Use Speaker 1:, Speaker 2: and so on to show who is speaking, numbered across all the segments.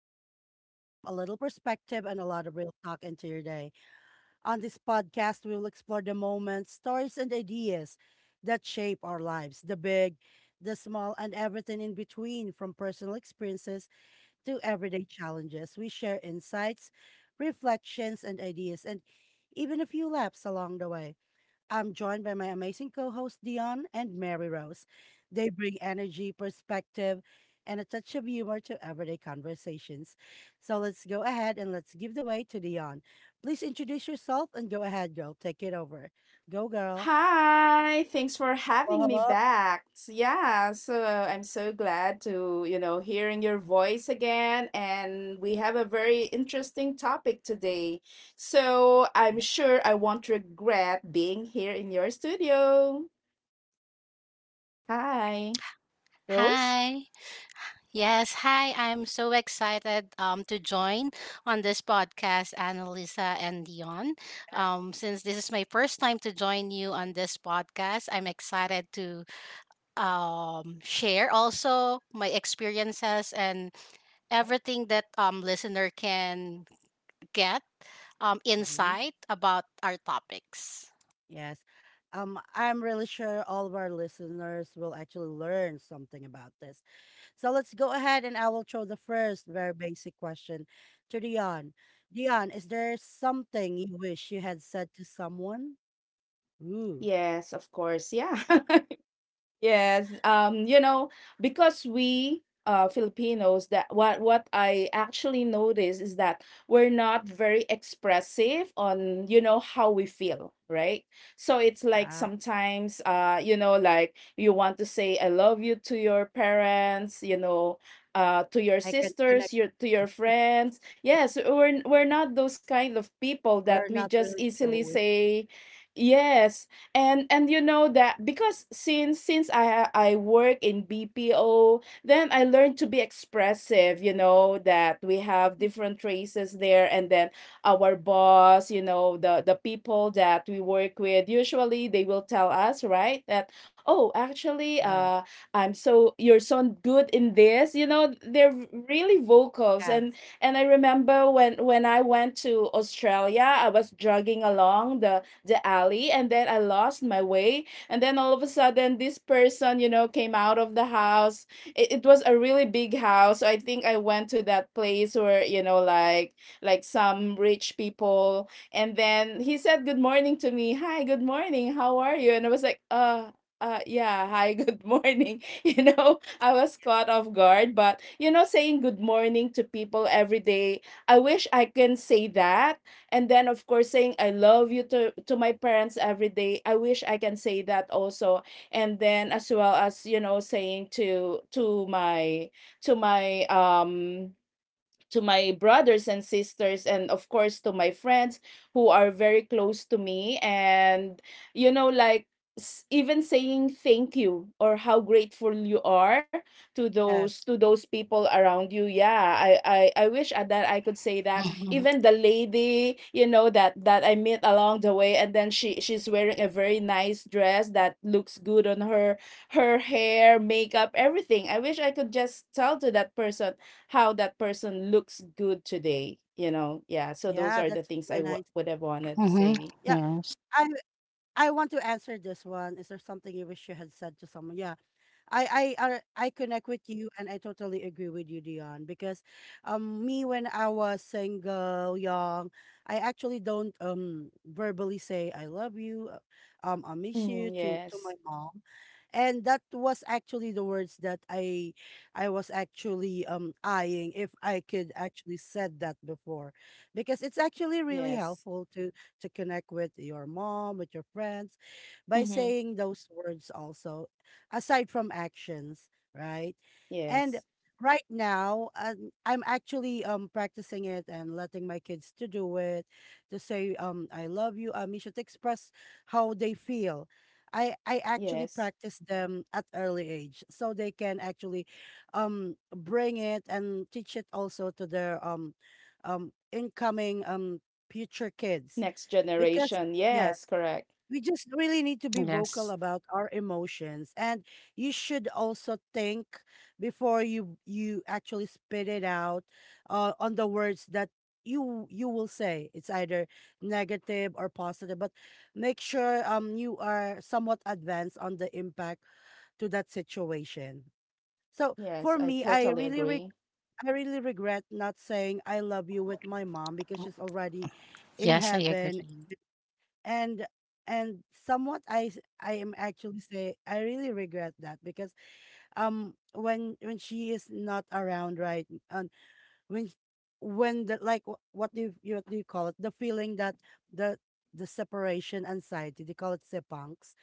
Speaker 1: a little calm, a little perspective, and a lot of real talk into your day. On this podcast, we will explore the moments, stories, and ideas that shape our lives, the big, the small, and everything in between, from personal experiences to everyday challenges. We share insights, reflections, and ideas, and even a few laps along the way. I'm joined by my amazing co hosts, Dion and Mary Rose. They bring energy, perspective, and a touch of humor to everyday conversations. So let's go ahead and let's give the way to Dion. Please introduce yourself and go ahead, girl. Take it over. Go, girl.
Speaker 2: Hi, thanks for
Speaker 1: Hello,
Speaker 2: having me
Speaker 1: hello.
Speaker 2: back. Yeah, so I'm so glad to, hearing your voice again, and we have a very interesting topic today. So I'm
Speaker 1: Yeah.
Speaker 2: sure I won't regret being here in your studio. Hi, Rose?
Speaker 3: Hi. Yes, hi. I'm so excited to join on this podcast, Annalisa and Dion. Since this is my first time to join you on this podcast, I'm excited to share also my experiences and everything that listener can get
Speaker 1: Hmm.
Speaker 3: insight about our topics.
Speaker 1: Yes. I'm really sure all of our listeners will actually learn something about this. So let's go ahead and I will throw the first very basic question to Dion. Dion, is there something you wish you had said to someone? Ooh,
Speaker 2: Yes, of course. Yeah. Yes, because we Filipinos that what I actually notice is that we're not very expressive on, how we feel, right? So it's like
Speaker 1: uh,
Speaker 2: sometimes like you want to say I love you to your parents, to your
Speaker 1: I can connect
Speaker 2: sisters, your
Speaker 1: with
Speaker 2: to
Speaker 1: that.
Speaker 2: your friends. Yes, we're not those kind of people
Speaker 1: We're
Speaker 2: that we
Speaker 1: not
Speaker 2: just
Speaker 1: really sure.
Speaker 2: easily say. Yes. And you know that because since I work in BPO, then I learned to be expressive. You know that we have different races there, and then our boss, the people that we work with, usually they will tell us, right, that, oh,
Speaker 1: Yeah.
Speaker 2: actually, I'm so you're so good in this, they're really
Speaker 1: Yes.
Speaker 2: vocals. And I remember when I went to Australia, I was jogging along the alley, and then I lost my way. And then all of a sudden, this person, came out of the house. It was a really big house. So I think I went to that place where, like some rich people. And then he said good morning to me. Hi, good morning. How are you? And I was like, yeah, hi, good morning. I was caught off guard, but, saying good morning to people every day, I wish I can say that. And then, of course, saying I love you to my parents every day, I wish I can say that also. And then, as well as, saying to my um to my brothers and sisters, and of course to my friends who are very close to me, and you know like even saying thank you or how grateful you are to those
Speaker 1: Yes.
Speaker 2: to those people around you. Yeah, I wish at that I could say that.
Speaker 3: Mm-hmm.
Speaker 2: Even the lady, that I met along the way, and then she's wearing a very nice dress that looks good on her. Her hair, makeup, everything, I wish I could just tell to that person how that person looks good today, yeah. So those
Speaker 1: Yeah,
Speaker 2: are the
Speaker 1: that's
Speaker 2: things
Speaker 1: really nice.
Speaker 2: would have wanted to
Speaker 3: Mm-hmm.
Speaker 2: say.
Speaker 1: Yeah.
Speaker 3: Yes.
Speaker 1: I I want to answer this one. Is there something you wish you had said to someone? Yeah. I I I I connect with you and I totally agree with you, Dion, because me, when I was single, young, I actually don't verbally say I love you, I miss you
Speaker 2: Mm,
Speaker 1: to my
Speaker 2: yes.
Speaker 1: mom. And that was actually the words that I was actually eyeing if I could actually said that before. Because it's actually really
Speaker 2: Yes.
Speaker 1: helpful to connect with your mom, with your friends, by
Speaker 2: Mm-hmm.
Speaker 1: saying those words also, aside from actions, right?
Speaker 2: Yes.
Speaker 1: And right now, I'm actually practicing it and letting my kids to do it, to say I love you, Amisha, to express how they feel. I actually
Speaker 2: Yes,
Speaker 1: practice them at early age so they can actually bring it and teach it also to their incoming future kids,
Speaker 2: next
Speaker 1: because
Speaker 2: generation,
Speaker 1: yes,
Speaker 2: yes, correct.
Speaker 1: we just really need to be vocal
Speaker 3: Yes.
Speaker 1: about our emotions, and you should also think before you actually spit it out, on the words that you will say, it's either negative or positive, but make sure you are somewhat advanced on the impact to that situation. So
Speaker 2: Yes,
Speaker 1: for
Speaker 2: I
Speaker 1: me,
Speaker 2: totally agree.
Speaker 1: I really regret not saying I love you with my mom because she's already in
Speaker 3: Yes, I
Speaker 1: heaven.
Speaker 3: agree.
Speaker 1: And and somewhat I am actually say I really regret that because when she is not around, right, and when when the, like, what do you call it, the feeling that the the separation anxiety, they call it sepangs,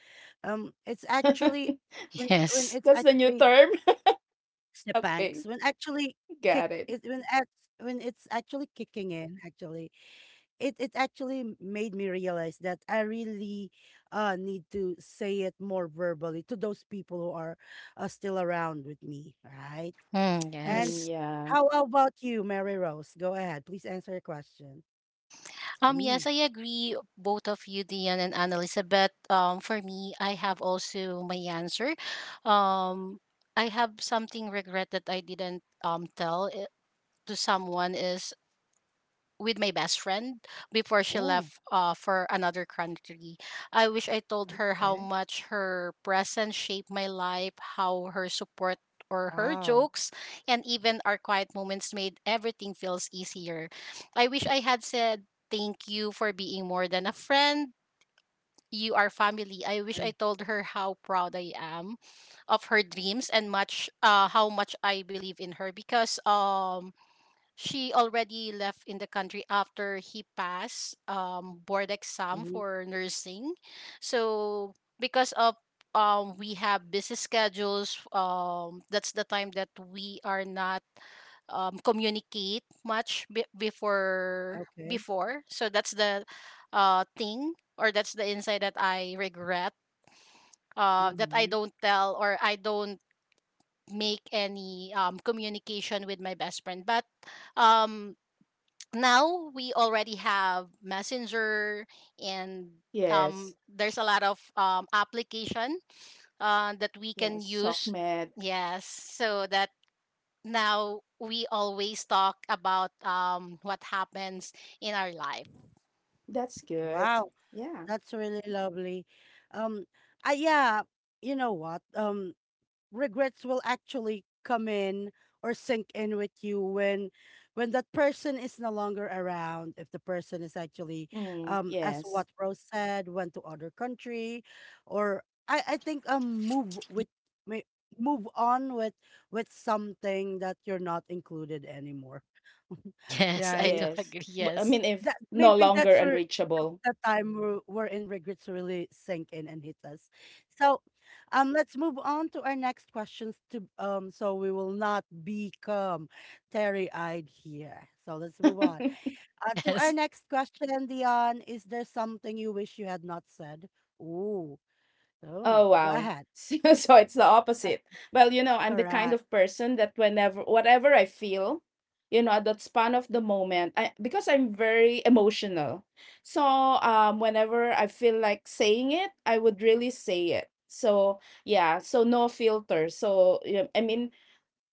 Speaker 1: it's actually when when
Speaker 3: Yes.
Speaker 1: it's
Speaker 2: That's the new
Speaker 1: actually
Speaker 2: term. Okay.
Speaker 1: sepangs, when actually kick
Speaker 2: Got it.
Speaker 1: it, when it's actually kicking in actually. It actually made me realize that I really need to say it more verbally to those people who are still around with me, right?
Speaker 3: Mm,
Speaker 1: And
Speaker 2: Mm,
Speaker 3: yes.
Speaker 2: yeah.
Speaker 1: how about you, Mary Rose? Go ahead, please answer your question. Mm.
Speaker 3: Yes, I agree, both of you, Dion and Anna Elizabeth. For me, I have also my answer. Um, I have something regret that I didn't tell it to someone is with my best friend before she
Speaker 1: Oh,
Speaker 3: left for another country. I wish I told her how
Speaker 1: okay.
Speaker 3: much her presence shaped my life, how her support or her
Speaker 1: Wow.
Speaker 3: jokes and even our quiet moments made everything feels easier. I wish I had said thank you for being more than a friend. You are family. I wish
Speaker 1: And,
Speaker 3: I told her how proud I am of her dreams and much how much I believe in her because she already left in the country after he passed board
Speaker 1: hmm,
Speaker 3: exam for nursing. So because of we have busy schedules, that's the time that we are not communicate much before
Speaker 1: okay.
Speaker 3: before. So that's the thing or that's the insight that I regret that I
Speaker 1: Hmm.
Speaker 3: don't tell or I don't make any communication with my best friend. But um now we already have messenger and
Speaker 2: Yes.
Speaker 3: there's a lot of application that we can
Speaker 2: Yes, sock
Speaker 3: use,
Speaker 2: med.
Speaker 3: yes, so that now we always talk about what happens in our life.
Speaker 2: That's good.
Speaker 1: Wow,
Speaker 2: Yeah.
Speaker 1: that's really lovely. Um, I yeah, you know what? Regrets will actually come in or sink in with you when that person is no longer around, if the person is actually
Speaker 2: Mm,
Speaker 1: as what
Speaker 2: yes.
Speaker 1: Rose said, went to other country, or I think may move on with something that you're not included anymore.
Speaker 3: Yes, I
Speaker 1: Right,
Speaker 3: do
Speaker 2: Yes.
Speaker 3: agree.
Speaker 2: But, I
Speaker 3: Yes.
Speaker 2: mean, if
Speaker 1: that
Speaker 2: no
Speaker 1: maybe
Speaker 2: longer
Speaker 1: that's where, that's
Speaker 2: unreachable.
Speaker 1: the time wherein regrets really sink in and hit us. So, let's move on to our next questions. To So we will not become teary-eyed here. So let's move on. To our
Speaker 3: Yes.
Speaker 1: next question, Dion, is there something you wish you had not said? Ooh, oh,
Speaker 2: Oh
Speaker 1: go
Speaker 2: wow.
Speaker 1: ahead.
Speaker 2: So it's the
Speaker 1: Uh,
Speaker 2: opposite. Well, I'm the kind
Speaker 1: Correct.
Speaker 2: of person that whenever whatever I feel, at that span of the moment, I because I'm very emotional. So whenever I feel like saying it, I would really say it. So yeah, so no filter. So yeah, I mean,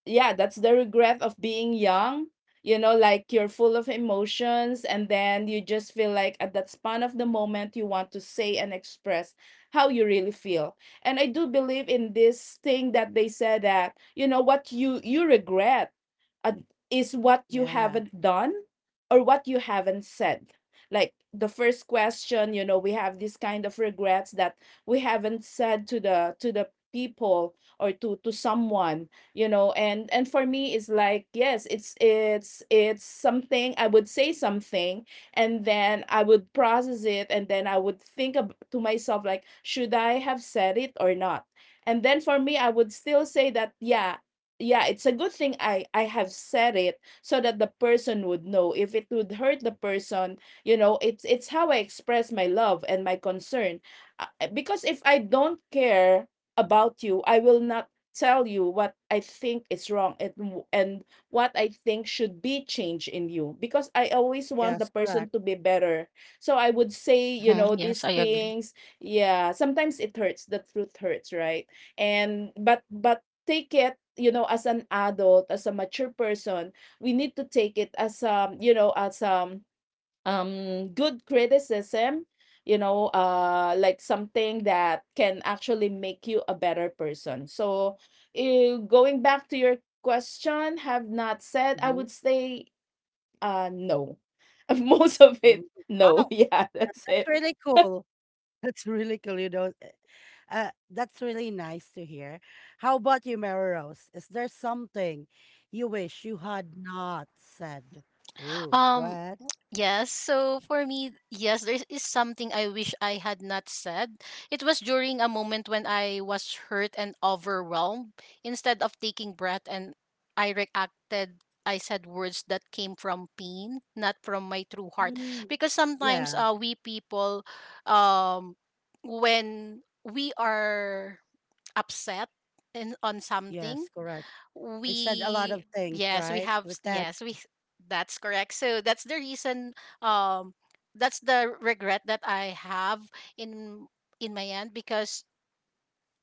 Speaker 2: yeah, that's the regret of being young. Like you're full of emotions, and then you just feel like at that span of the moment, you want to say and express how you really feel. And I do believe in this thing that they said that, what you regret uh, is what you
Speaker 1: Yeah.
Speaker 2: haven't done or what you haven't said. Like the first question, we have this kind of regrets that we haven't said to the people or to someone. And for me, it's like, yes, it's something I would say something, and then I would process it, and then I would think to myself, like, should I have said it or not? And then for me, I would still say that yeah, yeah, it's a good thing I have said it, so that the person would know. If it would hurt the person, it's how I express my love and my concern. Because if I don't care about you, I will not tell you what I think is wrong and and what I think should be changed in you. Because I always want
Speaker 1: Yes,
Speaker 2: the
Speaker 1: correct.
Speaker 2: person to be better. So I would say,
Speaker 3: Hmm, yes,
Speaker 2: these
Speaker 3: I agree.
Speaker 2: things. Yeah, sometimes it hurts. The truth hurts, right? And but take it, as an adult, as a mature person, we need to take it as good criticism, like something that can actually make you a better person. So, going back to your question, have not said, I
Speaker 1: Mhm,
Speaker 2: would say no. Most of
Speaker 1: mhm.
Speaker 2: it,
Speaker 1: Wow,
Speaker 2: no. Yeah, that's
Speaker 1: that's
Speaker 2: it.
Speaker 1: really cool. That's really cool, you know. That's really nice to hear. How about you, Mary Rose? Is there something you wish you had not said? Ooh, go
Speaker 3: Um.
Speaker 1: ahead.
Speaker 3: Yes, so for me, yes, there is something I wish I had not said. It was during a moment when I was hurt and overwhelmed. Instead of taking breath and I reacted, I said words that came from pain, not from my true heart.
Speaker 1: Mm,
Speaker 3: Because sometimes
Speaker 1: yeah,
Speaker 3: we people, um, when we are upset on
Speaker 1: yes,
Speaker 3: something,
Speaker 1: correct. We said a lot
Speaker 3: we,
Speaker 1: of things,
Speaker 3: yes, we
Speaker 1: right?
Speaker 3: have s-
Speaker 1: With that.
Speaker 3: yes we that's correct. So that's the reason, um that's the regret that I have in in my end because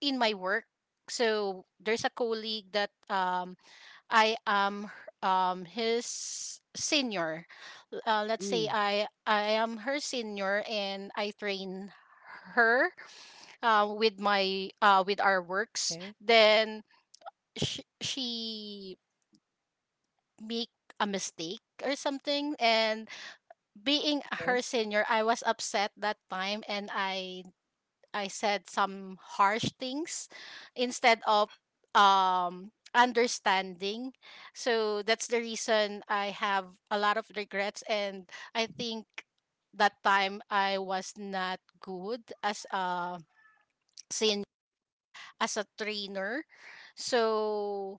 Speaker 3: in my work so there's a colleague that i am h- his senior. Let's say
Speaker 1: Mm,
Speaker 3: I am her senior and I train her with our
Speaker 1: okay,
Speaker 3: works. Then she make a mistake or something, and
Speaker 1: okay.
Speaker 3: being her senior, I was upset that time and I said some harsh things instead of understanding. So that's the reason I have a lot of regrets, and I think that time I was not good as a trainer. So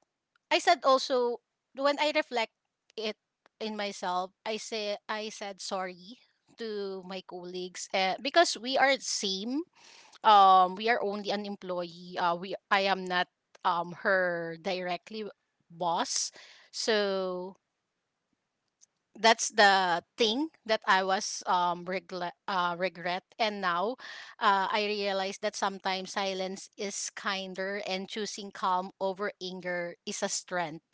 Speaker 3: I said also, when I reflect it in myself, I said sorry to my colleagues because we are same. We are only an employee. We I am not her directly boss. So that's the thing that I was regret, and now I realize that sometimes silence is kinder and choosing calm over anger is a strength.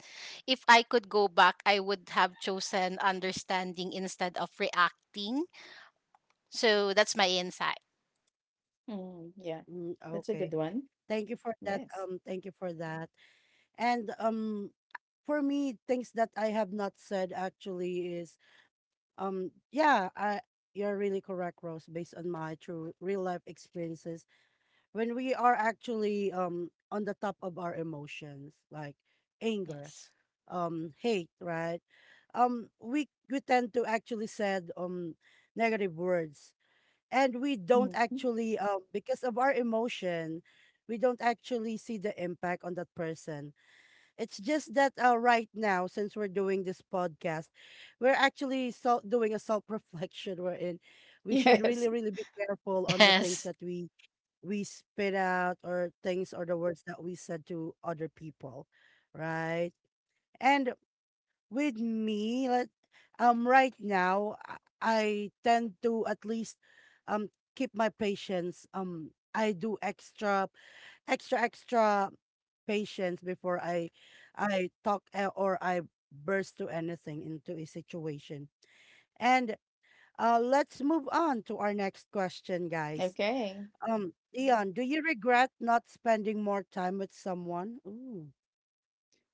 Speaker 3: If I could go back, I would have chosen understanding instead of reacting. So that's my insight.
Speaker 2: Mm, yeah.
Speaker 1: Mm,
Speaker 2: That's a
Speaker 1: okay.
Speaker 2: good one.
Speaker 1: Thank you for that.
Speaker 2: Yes.
Speaker 1: Thank you for that. And for me, things that I have not said actually is. Yeah, you're really correct, Rose, based on my true real life experiences. When we are actually on the top of our emotions, like anger,
Speaker 3: Yes.
Speaker 1: hate, right? We tend to actually said negative words. And we don't
Speaker 2: Mhm.
Speaker 1: actually because of our emotion, we don't actually see the impact on that person. It's just that, right now, since we're doing this podcast, we're actually so doing a self reflection. We're in. We should
Speaker 2: Yes.
Speaker 1: really, really be careful on the things
Speaker 3: Yes.
Speaker 1: that we spit out, or things, or the words that we said to other people, right? And with me, let right now, I tend to at least um keep my patience. I do extra extra extra patience before I talk, or I burst to anything into a situation. And let's move on to our next question, guys.
Speaker 2: Okay.
Speaker 1: Dion, do you regret not spending more time with someone? Ooh.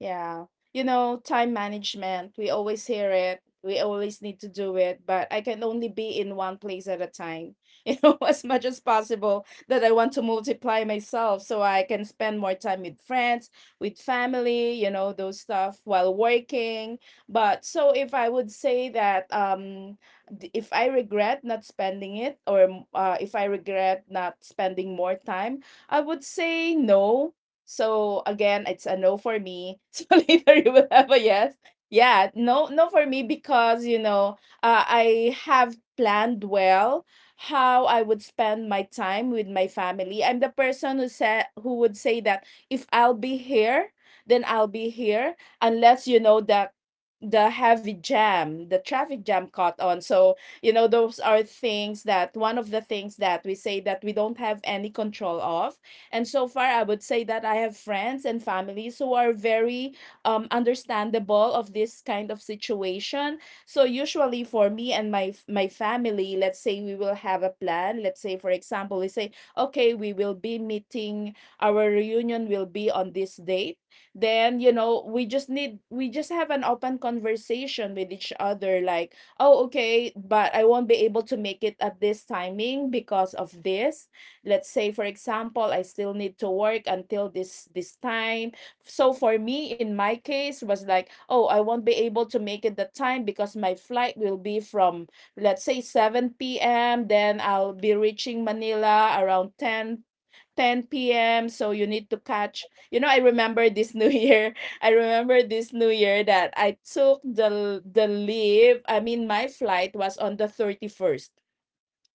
Speaker 2: Yeah. Time management, we always hear it. We always need to do it, but I can only be in one place at a time, as much as possible that I want to multiply myself so I can spend more time with friends, with family, those stuff while working. But so if I would say that if I regret not spending it or, if I regret not spending more time, I would say no. So, again, it's a no for me. So later you will have a yes. Yeah, no, no, for me, because I have planned well how I would spend my time with my family. I'm the person who would say that if I'll be here, then I'll be here, unless you know that the heavy jam, the traffic jam, caught on. So, those are things that one of the things that we say that we don't have any control of. And so far, I would say that I have friends and families who are very understandable of this kind of situation. So usually for me and my family, let's say we will have a plan. Let's say, for example, we say, okay, we will be meeting. Our reunion will be on this date. Then you know we just have an open conversation with each other. Like, oh, okay, but I won't be able to make it at this timing because of this. Let's say, for example, I still need to work until this time. So for me, in my case, was like, oh, I won't be able to make it the time because my flight will be from, let's say, 7 p.m., then I'll be reaching Manila around 10 p.m., so you need to catch. I remember this new year. I remember this new year that I took the leave. I mean, my flight was on the 31st.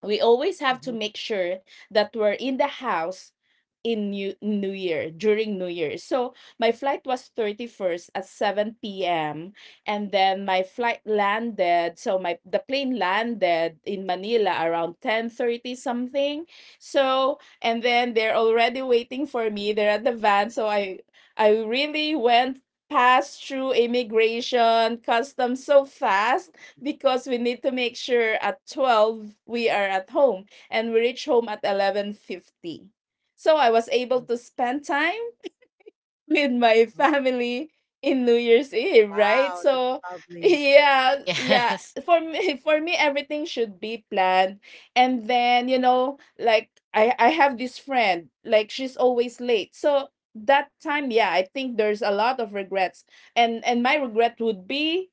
Speaker 2: We always have to
Speaker 1: Mhm.
Speaker 2: make sure that we're in the house in new year, during new year, so my flight was 31st at 7 p.m. And then my flight landed, so my the plane landed in Manila around 10:30 something. So and then they're already waiting for me, they're at the van, so I really went past through immigration customs so fast, because we need to make sure at 12 we are at home, and we reach home at 11:50. So I was able to spend time with my
Speaker 1: Okay.
Speaker 2: family in New Year's Eve, right?
Speaker 1: Wow, that's
Speaker 2: So
Speaker 1: lovely.
Speaker 2: yeah, yeah,
Speaker 3: Yes.
Speaker 2: for me, for me, everything should be planned. And then, like I have this friend, like, she's always late. So that time, yeah, I think there's a lot of regrets. And my regret would be,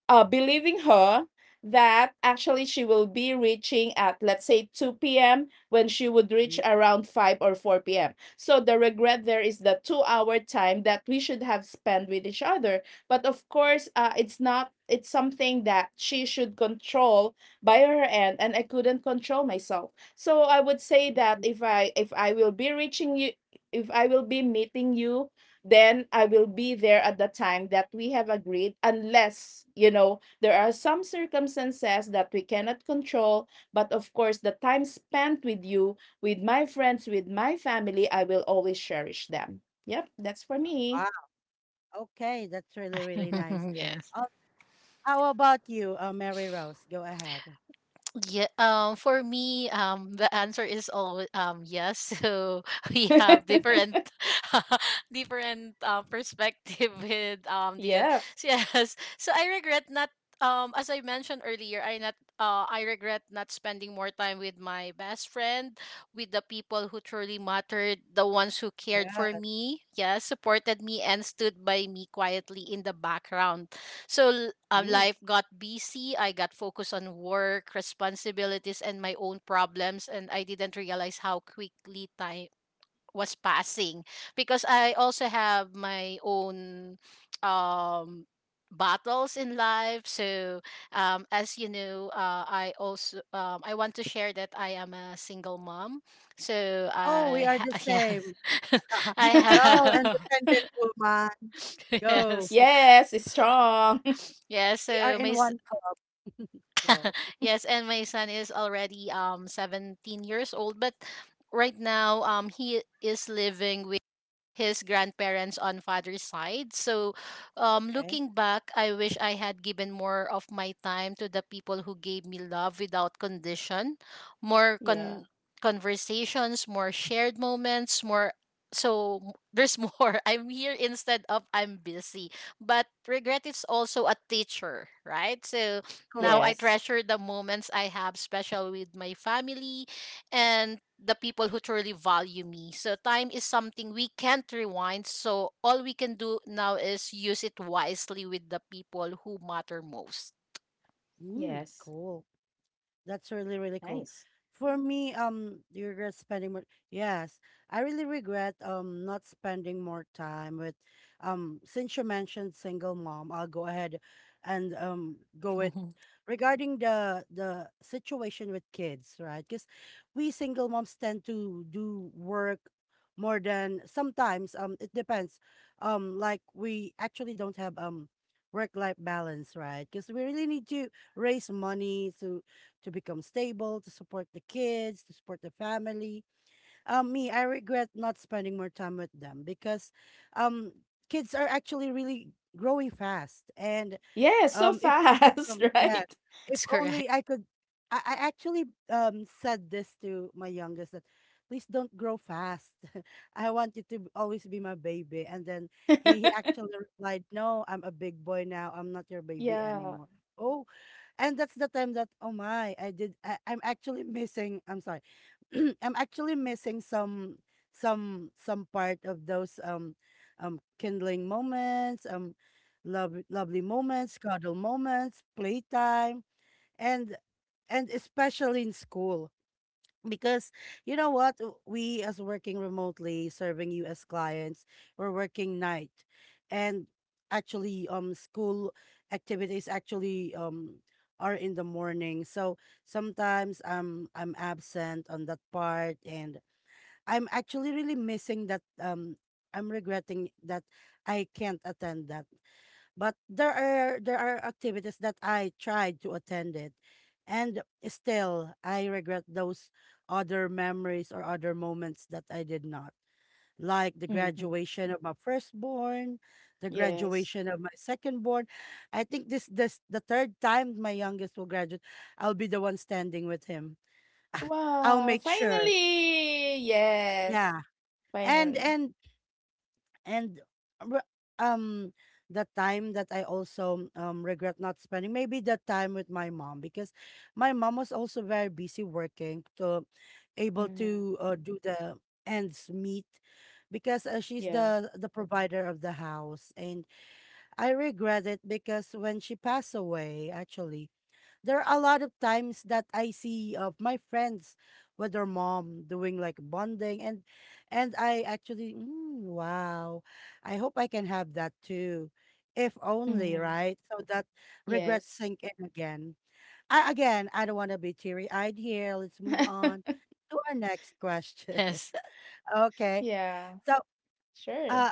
Speaker 2: believing her that actually she will be reaching at, let's say, 2 p.m. when she would reach around 5 or 4 p.m., so the regret there is the 2-hour time that we should have spent with each other. But of course, it's not, it's something that she should control by her end, and I couldn't control myself. So I would say that
Speaker 1: Mhm.
Speaker 2: if I will be meeting you, then I will be there at the time that we have agreed, unless, there are some circumstances that we cannot control. But of course, the time spent with you, with my friends, with my family, I will always cherish them. Yep, that's for me.
Speaker 1: Okay, that's really, really nice.
Speaker 3: Yes.
Speaker 1: Uh, how about you, Mary Rose? Go ahead.
Speaker 3: Yeah, for me, the answer is always yes. So we have different, different perspective with Dion.
Speaker 2: Yep.
Speaker 3: So yes, so I regret not as I mentioned earlier, I regret not spending more time with my best friend, with the people who truly mattered, the ones who cared for
Speaker 1: Yes.
Speaker 3: me, yes, supported me and stood by me quietly in the background. So l-
Speaker 1: Ooh.
Speaker 3: life got busy. I got focused on work, responsibilities, and my own problems, and I didn't realize how quickly time was passing because I also have my own um battles in life. So as you know, I also I want to share that I am a single mom. So
Speaker 1: Oh, we are the
Speaker 3: yes,
Speaker 1: same.
Speaker 3: I
Speaker 1: Go,
Speaker 3: have.
Speaker 1: independent woman. Go.
Speaker 3: Yes.
Speaker 2: Yes, it's strong.
Speaker 3: Yeah,
Speaker 1: We are
Speaker 3: so
Speaker 1: in
Speaker 3: my
Speaker 1: one club. Go.
Speaker 3: yes, and my son is already 17 years old, but right now he is living with his grandparents on father's side. So,
Speaker 1: Okay.
Speaker 3: looking back, I wish I had given more of my time to the people who gave me love without condition, more
Speaker 2: Yeah.
Speaker 3: conversations, more shared moments, more. There's more. I'm here instead of I'm busy, but regret is also a teacher, right? So now I
Speaker 1: Correct.
Speaker 2: Yes.
Speaker 3: treasure the moments I have special with my family and the people who truly value me. So time is something we can't rewind. So all we can do now is use it wisely with the people who matter most.
Speaker 1: Mm,
Speaker 2: Yes.
Speaker 1: cool. That's really, really cool.
Speaker 2: Nice.
Speaker 1: For me, do you regret spending more? Yes, I really regret not spending more time with, since you mentioned single mom, I'll go ahead and go with regarding the situation with kids, right? Because we single moms tend to do work more than sometimes. It depends. Like we actually don't have work life balance, right? Because we really need to raise money to become stable, to support the kids, to support the family. Me, I regret not spending more time with them because um, kids are actually really growing fast. And
Speaker 2: Yeah, so
Speaker 1: if
Speaker 2: fast,
Speaker 1: yeah,
Speaker 2: right?
Speaker 1: if
Speaker 3: That's correct.
Speaker 1: only I could, I actually said this to my youngest that please don't grow fast. I want you to always be my baby. And then he actually replied, "No, I'm a big boy now. I'm not your baby
Speaker 2: Yeah.
Speaker 1: anymore." Oh, and that's the time that, oh my, I'm actually missing, I'm sorry. I'm actually missing some part of those kindling moments, lovely moments, cuddle moments, playtime, and and especially in school, because you know what, we, as working remotely serving you as clients, we're working night, and actually school activities actually are in the morning, so sometimes I'm absent on that part, and I'm actually really missing that, I'm regretting that I can't attend that. But there are activities that I tried to attend it, and still I regret those other memories or other moments that I did not. Like the
Speaker 2: Hmm.
Speaker 1: graduation of my firstborn, the
Speaker 2: Yes.
Speaker 1: graduation of my secondborn. I think this the third time my youngest will graduate, I'll be the one standing with him. I'll
Speaker 2: Wow,
Speaker 1: make sure.
Speaker 2: finally! Yes,
Speaker 1: Yeah. And
Speaker 2: finally.
Speaker 1: and and re- um the time that I also regret not spending maybe the time with my mom, because my mom was also very busy working to able
Speaker 2: Hmm.
Speaker 1: to do the ends meet, because she's
Speaker 2: Yeah.
Speaker 1: the provider of the house, and I regret it, because when she passed away, actually there are a lot of times that I see of my friends with their mom doing like bonding, and I actually, mm, wow, I hope I can have that too, if only,
Speaker 2: Mm-hmm.
Speaker 1: right, so that regrets
Speaker 2: Yes.
Speaker 1: sink in again. Again, I don't want to be teary eyed here. Let's move on to our next question.
Speaker 3: Yes.
Speaker 1: Okay,
Speaker 2: Yeah,
Speaker 1: so
Speaker 2: sure.
Speaker 1: uh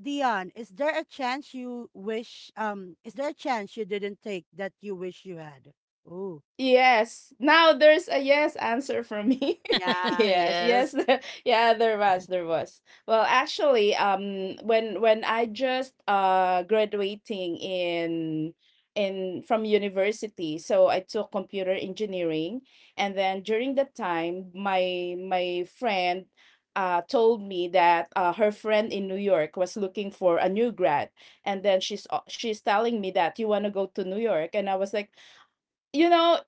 Speaker 1: Dion, is there a chance you didn't take that you wish you had? Ooh,
Speaker 2: Yes. Now there's a yes answer from me.
Speaker 1: yeah.
Speaker 2: Yes, yes.
Speaker 3: Yes.
Speaker 2: Yeah, there was. Well, actually, when I just graduating in from university. So I took computer engineering, and then during that time my friend told me that her friend in New York was looking for a new grad. And then she's telling me, that "you want to go to New York?" And I was like, you know,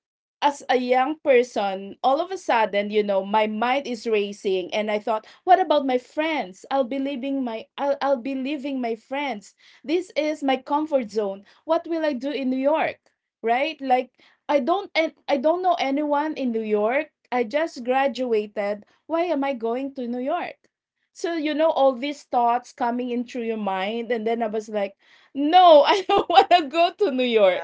Speaker 2: as a young person, all of a sudden, you know, my mind is racing, and I thought, what about my friends? I'll be leaving my friends. This is my comfort zone. What will I do in New York? Right? Like, I don't, and I don't know anyone in New York. I just graduated. Why am I going to New York? So you know, all these thoughts coming into your mind, and then I was like, no, I don't want to go to New York.
Speaker 1: Yeah.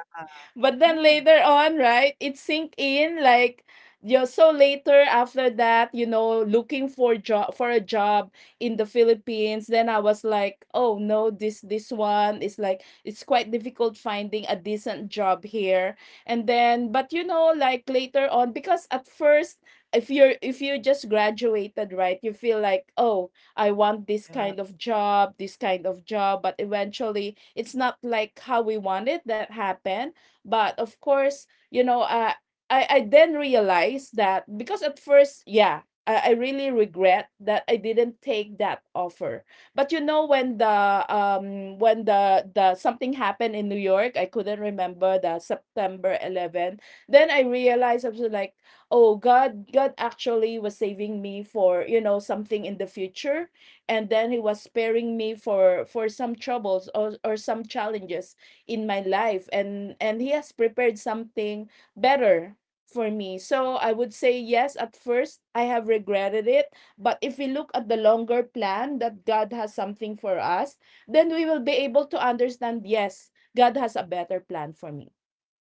Speaker 2: But then
Speaker 1: Ooh.
Speaker 2: later on, right, it sink in like you so later after that, you know, looking for a job in the Philippines. Then I was like, oh no, this one is like, it's quite difficult finding a decent job here. And then, but you know, like later on, because at first, if you just graduated, right, you feel like, oh, I want this
Speaker 1: Yeah.
Speaker 2: kind of job, this kind of job, but eventually it's not like how we wanted that happen. But of course, I then realized that, because at first, yeah, I really regret that I didn't take that offer. But you know, when the something happened in New York, I couldn't remember, the September 11. Then I realized, I was like, oh God, God actually was saving me for, you know, something in the future, and then he was sparing me for some troubles, or some challenges in my life, and he has prepared something better for me. So I would say yes, at first I have regretted it, but if we look at the longer plan that God has something for us, then we will be able to understand, yes, God has a better plan for me.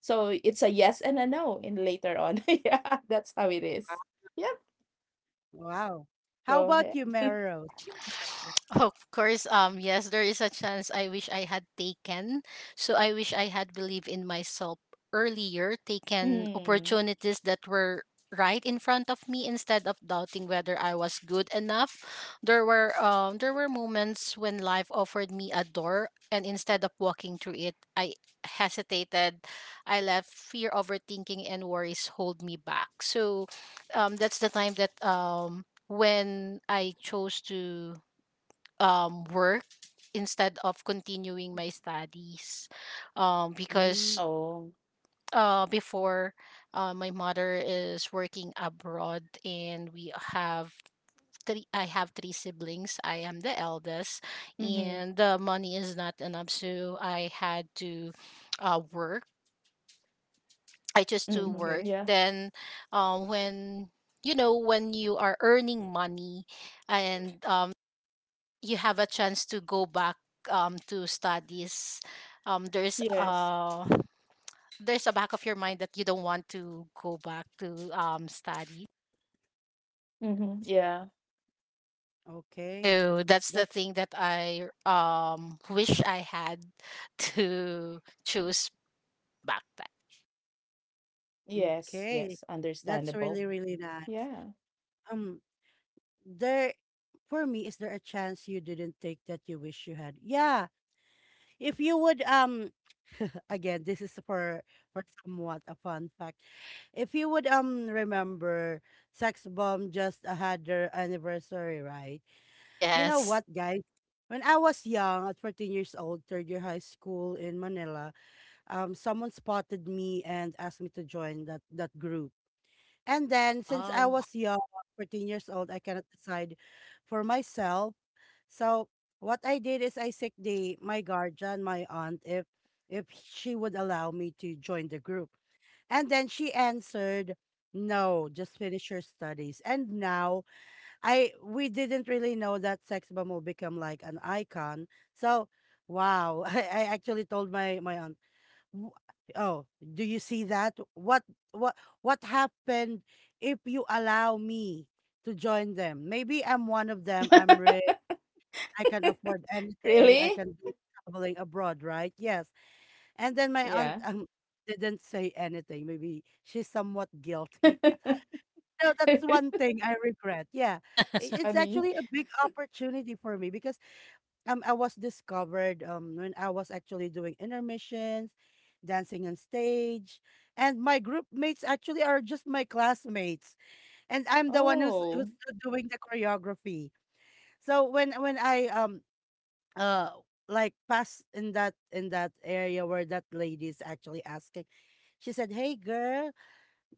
Speaker 2: So it's a yes and a no in later on. Yeah, that's how it
Speaker 1: Wow.
Speaker 2: is. Yep.
Speaker 1: Wow. How about
Speaker 2: Go
Speaker 1: you,
Speaker 2: ahead.
Speaker 1: Melrose? Go ahead.
Speaker 3: Of course, yes, there is a chance I wish I had taken. So I wish I had believed in myself earlier, taken
Speaker 2: mm.
Speaker 3: opportunities that were right in front of me instead of doubting whether I was good enough. There were moments when life offered me a door and instead of walking through it, I hesitated. I let fear, overthinking, and worries hold me back. So that's the time that when I chose to work instead of continuing my studies,
Speaker 1: Mm,
Speaker 3: because
Speaker 2: Oh.
Speaker 3: before my mother is working abroad and we have three siblings. I am the eldest,
Speaker 2: Mm-hmm.
Speaker 3: and the money is not enough, so I had to work. i just
Speaker 2: Mm-hmm.
Speaker 3: to
Speaker 1: okay.
Speaker 3: work.
Speaker 2: Yeah.
Speaker 3: Then when, you know, when you are earning money and you have a chance to go back to studies, there's
Speaker 2: Yes.
Speaker 3: a back of your mind that you don't want to go back to study.
Speaker 2: Mm-hmm. Yeah.
Speaker 1: Okay.
Speaker 3: So that's the
Speaker 1: That's
Speaker 3: thing that I wish I had to choose back then.
Speaker 2: Yes, yes,
Speaker 1: okay. That's
Speaker 2: understandable.
Speaker 1: really, really nice.
Speaker 2: Yeah.
Speaker 1: Um, there For me, is there a chance you didn't take that you wish you had? Yeah. If you would again, this is for somewhat a fun fact. If you would remember, Sex Bomb just had their anniversary, right? You know
Speaker 3: Yes.
Speaker 1: what, guys? When I was young, at 14 years old, third year high school in Manila, someone spotted me and asked me to join that group. And then, since I
Speaker 3: Wow.
Speaker 1: was young, 14 years old, I cannot decide for myself, so what I did is I seek the my guardian, my aunt, if she would allow me to join the group. And then she answered, "No, just finish your studies." And now I we didn't really know that Sex Bomb will become like an icon. So, wow. I actually told my aunt, "W- Oh, do you see that? What what happened if you allow me to join them? Maybe I'm one of them. I'm rich. I can afford anything. I
Speaker 2: Really?
Speaker 1: can do traveling abroad, right?" Yes. And then my aunt
Speaker 2: Yeah.
Speaker 1: didn't say anything. Maybe she's somewhat guilty. No, that's one
Speaker 2: It's
Speaker 1: thing I regret. Yeah, it's actually
Speaker 2: funny.
Speaker 1: a big opportunity for me because I was discovered when I was actually doing intermissions, dancing on stage, and my group mates actually are just my classmates, and I'm the one who's
Speaker 2: Oh.
Speaker 1: doing the choreography. So when I uh like pass in that area where that lady is actually asking. She said, "Hey girl,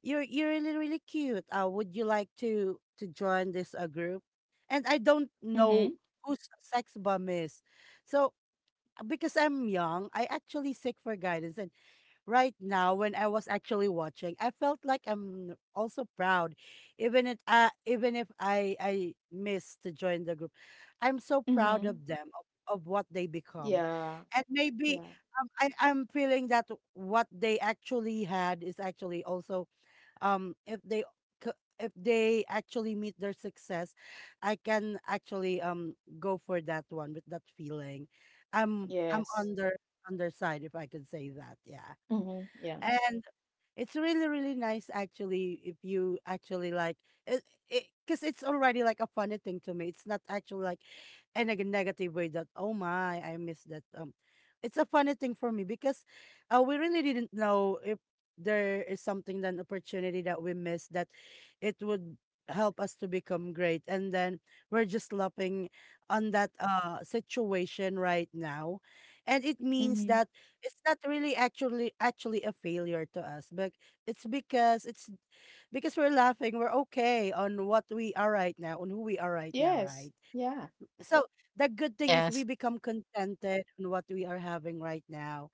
Speaker 1: you're really, really cute, would you like to join this group?" And I don't know
Speaker 2: Mm-hmm.
Speaker 1: whose Sex Bomb is. So because I'm young, I actually seek for guidance. And right now when I was actually watching, I felt like I'm also proud, even if I missed to join the group. I'm so proud of
Speaker 2: Mm-hmm.
Speaker 1: them, of what they become,
Speaker 2: Yeah.
Speaker 1: and maybe,
Speaker 2: Yeah.
Speaker 1: I'm feeling that what they actually had is actually also, um if they c- if they actually meet their success, I can actually go for that one with that feeling. I'm on
Speaker 2: Yes.
Speaker 1: their on their side, if I could say that. Yeah.
Speaker 2: Mm-hmm. Yeah.
Speaker 1: And it's really, really nice, actually, if you actually like it, it, cause it's already like a funny thing to me. It's not actually like in a negative way that, oh my, I miss that. It's a funny thing for me because, we really didn't know if there is something, that opportunity that we missed, that it would help us to become great. And then we're just laughing on that situation right now, and it means that
Speaker 2: Mm-hmm.
Speaker 1: it's not really actually a failure to us, but it's because we're laughing, we're okay on what we are right now, on who we are right now, right?
Speaker 2: Yes. Yeah.
Speaker 1: So the good thing is we
Speaker 3: Yes.
Speaker 1: become contented on what we are having right now,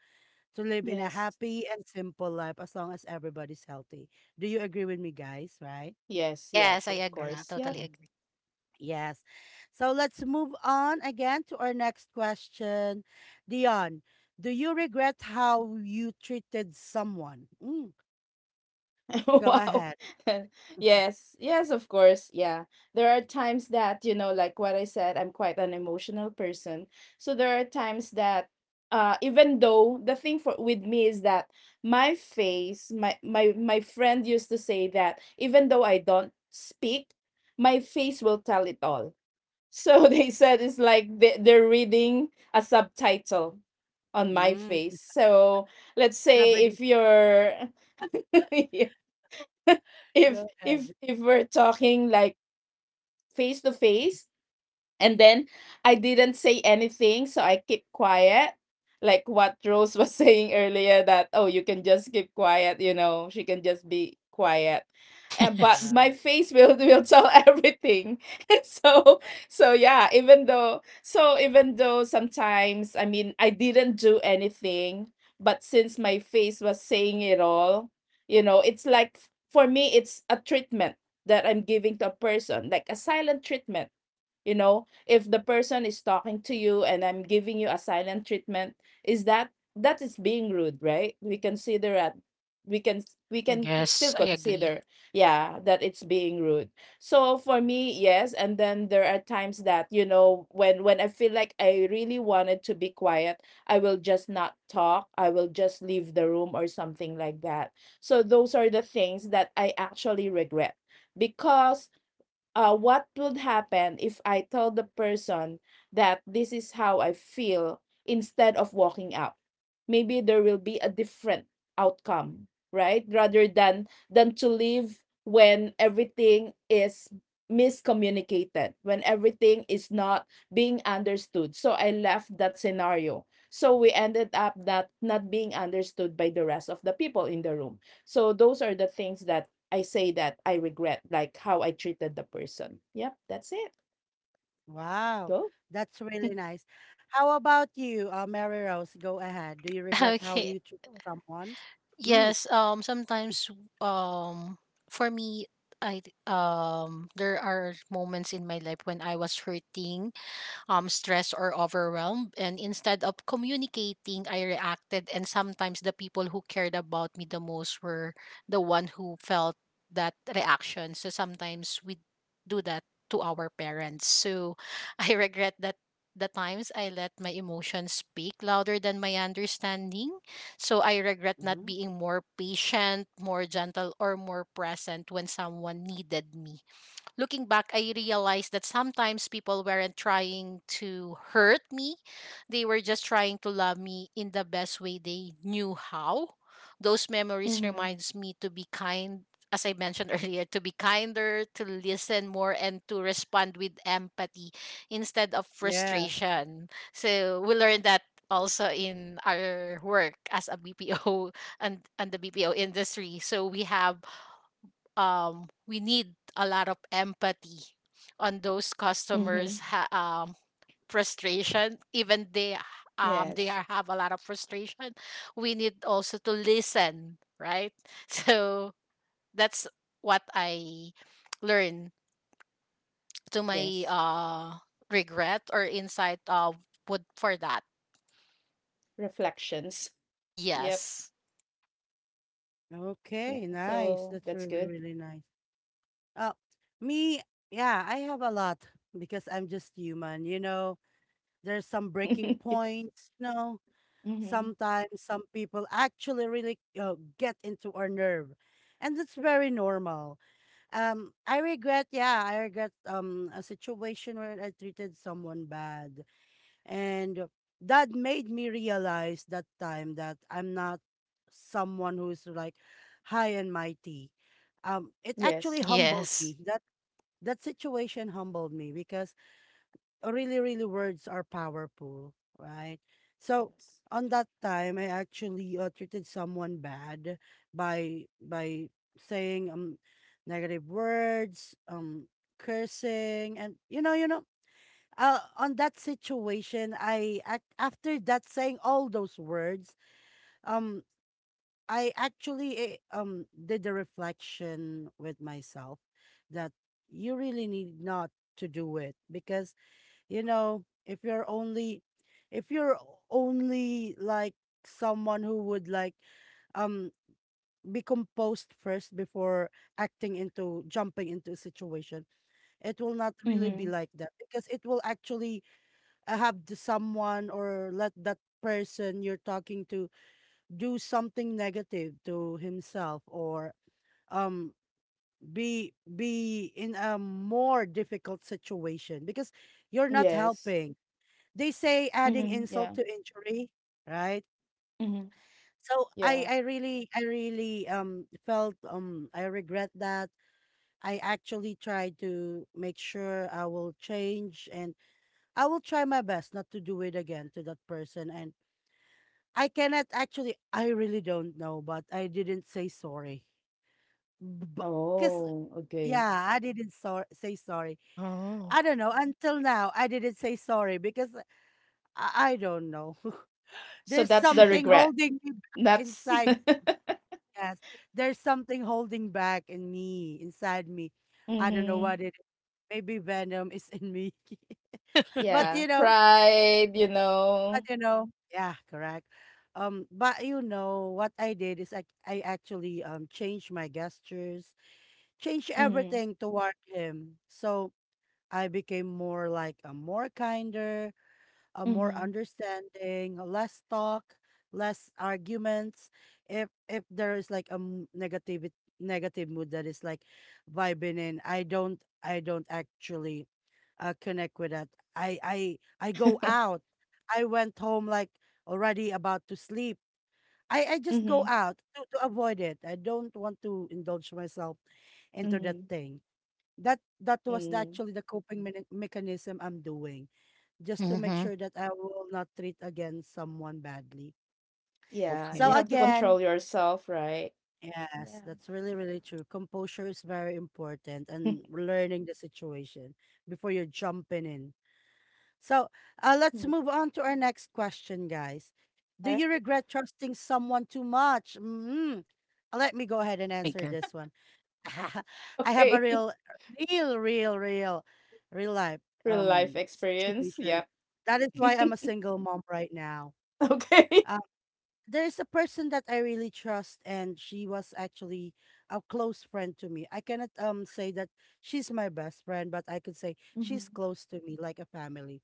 Speaker 1: to live in a
Speaker 2: Yes.
Speaker 1: happy and simple life as long as everybody's healthy. Do you agree with me, guys, right?
Speaker 2: Yes,
Speaker 3: Yes, I
Speaker 2: yes, of
Speaker 1: Yeah.
Speaker 3: agree.
Speaker 2: course. Yep.
Speaker 3: Totally
Speaker 1: Yes. So let's move on again to our next question. Dion, do you regret how you treated someone? Mm, go
Speaker 2: Wow.
Speaker 1: ahead.
Speaker 2: Yes. Yes, of course. Yeah. There are times that, you know, like what I said, I'm quite an emotional person. So there are times that even though, the thing for with me is that my face, my friend used to say that even though I don't speak, my face will tell it all. So they
Speaker 1: Yeah.
Speaker 2: said it's like they're reading a subtitle on my
Speaker 1: Mm,
Speaker 2: face. So let's
Speaker 1: and I'm
Speaker 2: say if
Speaker 1: reading.
Speaker 2: you're if
Speaker 1: Go
Speaker 2: if
Speaker 1: ahead.
Speaker 2: if we're talking like face to face, and then I didn't say anything, so I keep quiet. Like what Rose was saying earlier, that oh, you can just keep quiet, you know, she can just be quiet.
Speaker 3: agree.
Speaker 2: And but
Speaker 3: Yes.
Speaker 2: my
Speaker 1: Yeah.
Speaker 2: face will will tell everything. So so yeah, even though, so even though sometimes, I mean, I didn't do anything, but since my face was saying it all, you know, it's like, for me it's a treatment that I'm giving to a person, like a silent treatment. You know, if the person is talking to you and I'm giving you a silent treatment, is that, that is being rude, right? We consider that. We can we can still
Speaker 3: Yes, I agree.
Speaker 2: consider, yeah, that it's being rude. So for me, yes. And then there are times that you know, when I feel like I really wanted to be quiet, I will just not talk, I will just leave the room or something like that. So those are the things that I actually regret. Because what would happen if I told the person that this is how I feel instead of walking out? Maybe there will be a different outcome, right? Rather than to leave when everything is miscommunicated, when everything is not being understood. So I left that scenario. So we ended up that not being understood by the rest of the people in the room. So those are the things that I say that I regret, like how I treated the person. Yep, that's it.
Speaker 1: Wow,
Speaker 2: Go.
Speaker 1: that's really nice. How about you, Mary Rose? Go ahead. Do you regret how
Speaker 3: Okay.
Speaker 1: you treat someone? Mm,
Speaker 3: Yes, sometimes, um for me, I there are moments in my life when I was hurting, stressed or overwhelmed. And instead of communicating, I reacted. And sometimes the people who cared about me the most were the one who felt that reaction. So sometimes we do that to our parents. So I regret that, the times I let my emotions speak louder than my understanding. So I regret not
Speaker 1: mm-hmm.
Speaker 3: being more patient, more gentle, or more present when someone needed me. Looking back, I realized that sometimes people weren't trying to hurt me. They were just trying to love me in the best way they knew how. Those memories
Speaker 2: Mm-hmm.
Speaker 3: reminds me to be kind, as I mentioned earlier, to be kinder, to listen more, and to respond with empathy instead of
Speaker 1: Yeah.
Speaker 3: frustration. So we learned that also in our work as a BPO and the BPO industry. So we have we need a lot of empathy on those
Speaker 2: Mm-hmm.
Speaker 3: customers' frustration. Even they
Speaker 2: Yes.
Speaker 3: are have a lot of frustration. We need also to listen, right? So that's what I learned to my
Speaker 2: Yes.
Speaker 3: regret or insight of would for that.
Speaker 2: Reflections. Yep.
Speaker 3: Yes.
Speaker 2: Yeah.
Speaker 1: Okay, nice.
Speaker 2: So
Speaker 1: That's
Speaker 2: that's good.
Speaker 1: really, really nice. Uh, Me, yeah, I have a lot because I'm just human. There's some breaking
Speaker 2: Yes.
Speaker 1: points, you know.
Speaker 2: Mm-hmm.
Speaker 1: Sometimes some people actually really get into our nerve, and that's very normal. I regret a situation where I treated someone bad, and that made me realize that time that I'm not someone who's like high and mighty. It actually
Speaker 2: Yes.
Speaker 1: humbled
Speaker 3: Yes.
Speaker 1: me. That situation humbled me because really, really, words are powerful, right? So
Speaker 2: Yes.
Speaker 1: on that time, I actually treated someone bad, by saying negative words, cursing, and, on that situation, I act, after that saying all those words. um, I actually, did a reflection with myself, that you really need not to do it, because, if you're only like someone who would like um be composed first before acting, into jumping into a situation, it will not really be
Speaker 2: Mm-hmm.
Speaker 1: like that, because it will actually, have the someone, or let that person you're talking to do something negative to himself, or um be in a more difficult situation because you're not
Speaker 2: Yes.
Speaker 1: helping. They say, adding
Speaker 2: Mm-hmm.
Speaker 1: insult
Speaker 2: Yeah.
Speaker 1: to injury, right?
Speaker 2: Mm-hmm.
Speaker 1: So I
Speaker 2: Yeah.
Speaker 1: I really I really felt, I regret that. I actually tried to make sure I will change, and I will try my best not to do it again to that person. And I cannot actually, I really don't know, but I didn't say sorry. Because,
Speaker 2: Oh, okay.
Speaker 1: yeah, I didn't say sorry.
Speaker 3: Oh.
Speaker 1: I don't know, until now I didn't say sorry because I don't know.
Speaker 2: So
Speaker 1: There's
Speaker 2: that's the
Speaker 1: something
Speaker 2: regret.
Speaker 1: holding me back
Speaker 2: That's
Speaker 1: inside. Yes. There's something holding back in me, inside me. I don't know
Speaker 2: mm-hmm.
Speaker 1: what it is. Maybe venom is in me. but
Speaker 2: Yeah.
Speaker 1: you know,
Speaker 2: Pride, you
Speaker 1: but
Speaker 2: know.
Speaker 1: you know, yeah, correct. But what I did is I actually changed my gestures, changed
Speaker 2: Mm-hmm.
Speaker 1: everything toward him. So I became more like a more kinder, a more
Speaker 2: Mm-hmm.
Speaker 1: understanding, a less talk, less arguments. If there is like a negative mood that is like vibing in, I don't actually connect with that. I go out. I went home, like, already about to sleep. I just go
Speaker 2: mm-hmm.
Speaker 1: out to avoid it. I don't want to indulge myself into that
Speaker 2: Mm-hmm.
Speaker 1: thing. That was
Speaker 2: Mm,
Speaker 1: actually the coping mechanism I'm doing, just to make
Speaker 3: Mm-hmm.
Speaker 1: sure that I will not treat again someone badly.
Speaker 2: yeah,
Speaker 1: So
Speaker 3: Okay.
Speaker 2: you have to
Speaker 1: again,
Speaker 2: control yourself, right?
Speaker 1: yes,
Speaker 2: Yeah.
Speaker 1: that's really, really true. Composure is very important, and learning the situation before you're jumping in. So, let's
Speaker 2: Mm.
Speaker 1: move on to our next question, guys.
Speaker 2: All
Speaker 1: Do you
Speaker 2: right.
Speaker 1: regret trusting someone too much? Let me go ahead and
Speaker 3: Oh my
Speaker 1: answer
Speaker 3: God.
Speaker 1: this one. I have
Speaker 2: Okay.
Speaker 1: a real, real, real, real, real life
Speaker 2: Real life
Speaker 1: um
Speaker 2: experience.
Speaker 1: situation.
Speaker 2: Yep.
Speaker 1: That is why I'm a single mom right now.
Speaker 2: Okay.
Speaker 1: Uh, there's a person that I really trust, and she was actually a close friend to me. I cannot say that she's my best friend, but I could say she's
Speaker 2: Hmm.
Speaker 1: close to me, like a family.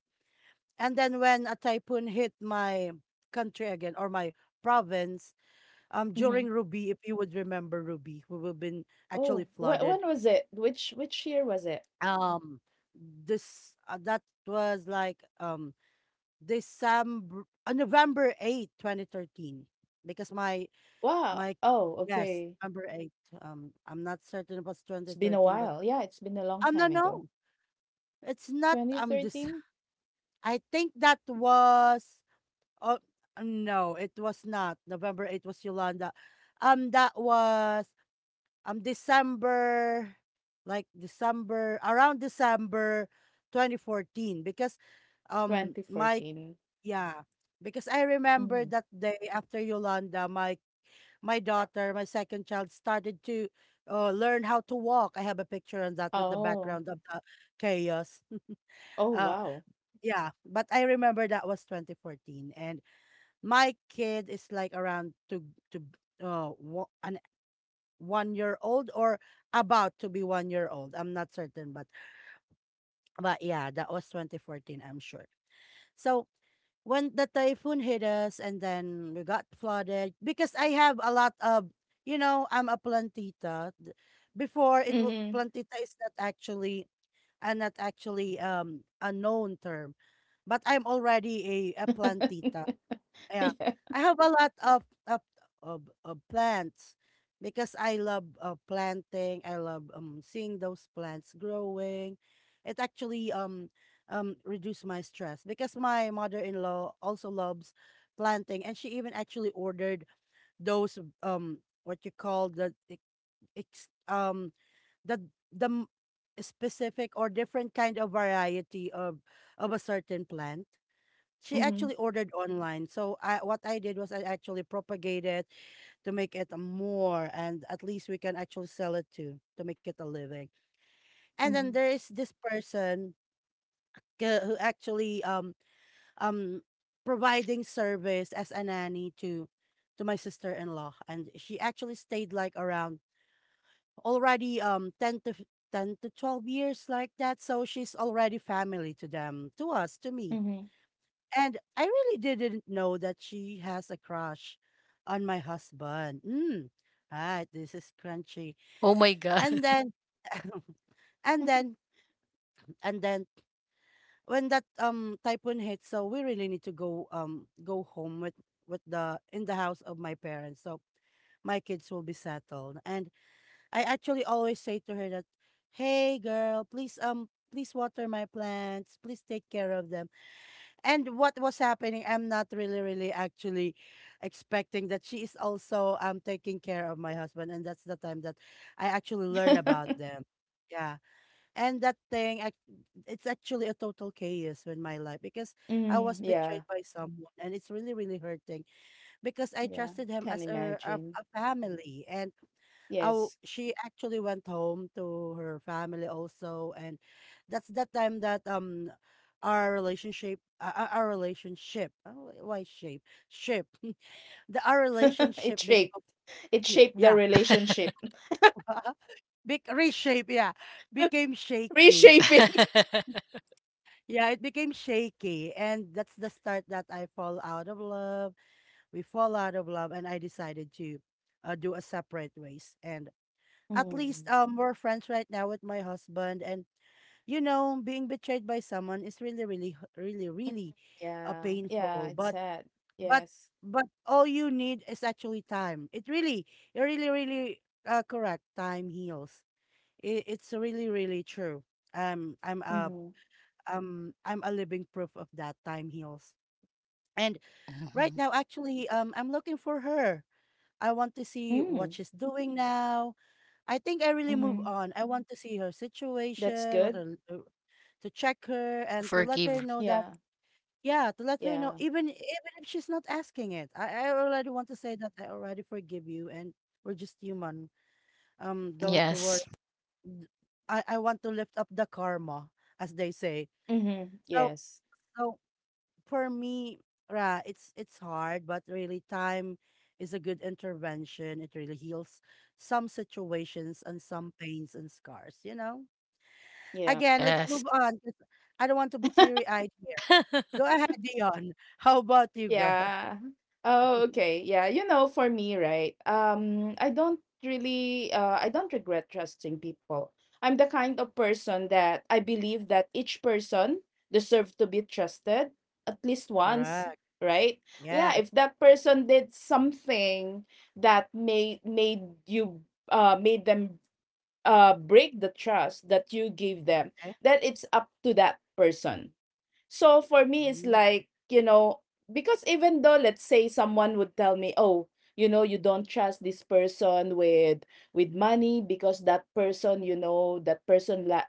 Speaker 1: And then when a typhoon hit my country again, or my province, during
Speaker 2: Hmm.
Speaker 1: Ruby, if you would remember Ruby, we were been actually
Speaker 2: Oh, wh-
Speaker 1: flooded.
Speaker 2: when was it? Which year was it?
Speaker 1: Um, this That was like December, November 8, 2013, because my
Speaker 2: Wow.
Speaker 1: My
Speaker 2: Oh,
Speaker 1: yes,
Speaker 2: okay.
Speaker 1: number eight. I'm not certain about
Speaker 2: It's
Speaker 1: twenty
Speaker 2: been a
Speaker 1: thirteen, 13, but,
Speaker 2: while. Yeah, it's been a long
Speaker 1: no,
Speaker 2: time ago.
Speaker 1: no, it's not. This
Speaker 2: 2013?
Speaker 1: I think that was. Oh, no, it was not. November 8 was Yolanda. That was December, like December, around December, 2014. Because, um, my
Speaker 2: 2014.
Speaker 1: yeah, because I remember
Speaker 2: Mhm.
Speaker 1: that day after Yolanda, my daughter, my second child, started to, learn how to walk. I have a picture on that with the
Speaker 2: Oh.
Speaker 1: background of the chaos.
Speaker 2: Oh,
Speaker 1: Uh,
Speaker 2: wow.
Speaker 1: yeah, but I remember that was 2014, and my kid is like around to wo- an 1 year old, or about to be 1 year old. I'm not certain, but yeah, that was 2014. I'm sure. So when the typhoon hit us and then we got flooded, because I have a lot of, you know, I'm a plantita. Before
Speaker 2: Mhm.
Speaker 1: plantita is not actually, not actually a known term, but I'm already a plantita. Yeah.
Speaker 2: Yeah.
Speaker 1: I have a lot of plants because I love, planting. I love seeing those plants growing. It actually, reduce my stress, because my mother-in-law also loves planting, and she even actually ordered those, what you call, the ex- ex- the the m- specific or different kind of variety of a certain plant she
Speaker 2: Mhm.
Speaker 1: actually ordered online. So, what I did was I actually propagated to make it a more, and at least we can actually sell it to make it a living. And then
Speaker 2: Mhm.
Speaker 1: there is this person, who actually, um providing service as a nanny to my sister-in-law, and she actually stayed like around already, 10 to 12 years, like that, so she's already family, to them, to us, to me.
Speaker 2: Mhm.
Speaker 1: And I really didn't know that she has a crush on my husband. Mm, right, this is crunchy.
Speaker 3: Oh my god.
Speaker 1: And then, and then, and then, when that typhoon hit, so we really need to go, go home with the in the house of my parents. So my kids will be settled. And I actually always say to her that, "Hey, girl, please water my plants. Please take care of them." And what was happening, I'm not really, really actually expecting that she is also taking care of my husband, and that's the time that I actually learn about them. Yeah, and that thing, it's actually a total chaos in my life because I
Speaker 2: Mm,
Speaker 1: was
Speaker 2: yeah.
Speaker 1: betrayed by someone, and it's really, really hurting because I
Speaker 2: Yeah.
Speaker 1: trusted him
Speaker 2: Can
Speaker 1: as a, a,
Speaker 2: imagine.
Speaker 1: a family. And oh,
Speaker 2: Yes.
Speaker 1: she actually went home to her family also, and that's that time that our relationship, our relationship, oh, why shape ship the our
Speaker 2: It
Speaker 1: relationship
Speaker 2: shaped
Speaker 1: become.
Speaker 2: it shaped the
Speaker 1: Yeah.
Speaker 2: relationship.
Speaker 1: Big reshape. Yeah. Became shaky.
Speaker 2: Reshaping.
Speaker 1: Yeah, it became shaky, and that's the start that I fall out of love. We fall out of love, and I decided to do a separate ways. And at
Speaker 2: Mm.
Speaker 1: least we're friends right now with my husband. And being betrayed by someone is really, really, really,
Speaker 2: Mm, mm.
Speaker 1: really
Speaker 2: Yeah, yeah,
Speaker 1: painful.
Speaker 2: it's sad.
Speaker 1: But,
Speaker 2: Yes.
Speaker 1: but all you need is actually time. It really, really correct. Time heals. It's really, really true. Um, I'm a,
Speaker 2: Mm-hmm.
Speaker 1: I'm a living proof of that. Time heals. And right
Speaker 3: Mhm.
Speaker 1: now, actually, I'm looking for her. I want to see
Speaker 2: Mm.
Speaker 1: what she's doing now. I think I really move
Speaker 2: Mm-hmm.
Speaker 1: on. I want to see her
Speaker 2: That's
Speaker 1: situation, what
Speaker 2: good.
Speaker 1: her, to check her
Speaker 3: You
Speaker 1: and to let her
Speaker 3: forgive.
Speaker 1: know that,
Speaker 2: Yeah.
Speaker 1: yeah, to let her know
Speaker 2: Yeah.
Speaker 1: even if she's not asking it. I already want to say that I already forgive you. And we're just human. Don't worry.
Speaker 3: Yes.
Speaker 1: D- I want to lift up the karma, as they say.
Speaker 2: Mm-hmm.
Speaker 1: So
Speaker 2: Yes.
Speaker 1: so for me, Ra, it's hard, but really time is a good intervention. It really heals some situations and some pains and scars. You know.
Speaker 2: Yeah.
Speaker 1: Again, let's
Speaker 3: Yes.
Speaker 1: move on 'cause I don't want to be teary eyed here. Go ahead, Dion. How about you, girl?
Speaker 2: Yeah. Oh, okay. Yeah, you know, for me, right? I don't really I don't regret trusting people. I'm the kind of person that I believe that each person deserves to be trusted at least once,
Speaker 1: Correct.
Speaker 2: right?
Speaker 1: Yeah.
Speaker 2: Yeah, if that person did something that made you made them break the trust that you gave them,
Speaker 1: Okay.
Speaker 2: then it's up to that person. So for me, it's
Speaker 1: Mm.
Speaker 2: like, you know, because even though, let's say someone would tell me, oh, you know, you don't trust this person with money because that person, you know, that person la-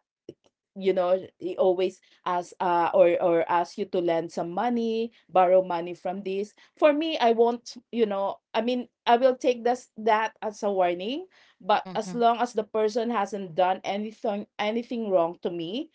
Speaker 2: you know, he always ask, or ask you to lend some money, borrow money from this. For me, I won't, you know, I mean, I will take this that as a warning. But as
Speaker 3: Mm-hmm.
Speaker 2: long as the person hasn't done anything wrong to me,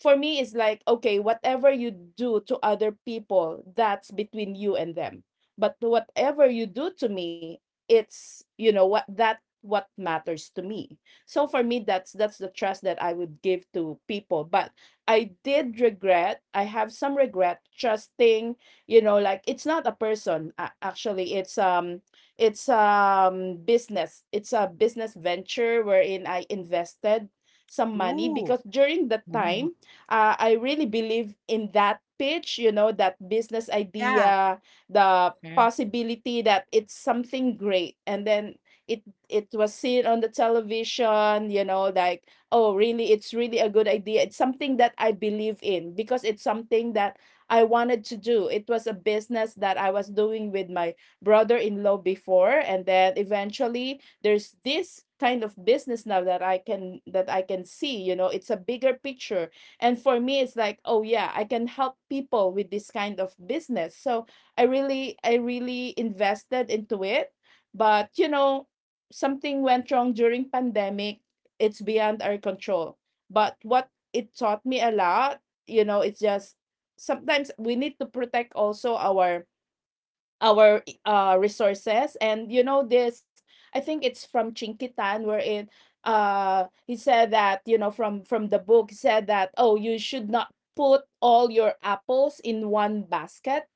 Speaker 2: for me it's like, okay, whatever you do to other people, that's between you and them. But whatever you do to me, it's, you know, what that what matters to me. So for me, that's the trust that I would give to people. But I did regret, I have some regret trusting, you know, like, it's not a person, a- actually, it's um, business. It's a business venture wherein I invested some money,
Speaker 1: Ooh.
Speaker 2: because during that
Speaker 3: Mm.
Speaker 2: time, I really believe in that pitch, you know, that business
Speaker 1: Yeah.
Speaker 2: idea, the
Speaker 3: Okay.
Speaker 2: possibility that it's something great. And then it it was seen on the television, you know, like, oh, really, it's really a good idea. It's something that I believe in because it's something that I wanted to do. It was a business that I was doing with my brother-in-law before, and then eventually there's this kind of business now that I can see, you know, it's a bigger picture. And for me, it's like, oh yeah, I can help people with this kind of business. So I really invested into it. But you know, something went wrong during pandemic. It's beyond our control. But what it taught me a lot, you know, it's just sometimes we need to protect also our resources. And you know, this, I think it's from Chinkitan, wherein he said that, you know, from the book, he said that, oh, you should not put all your apples in one basket,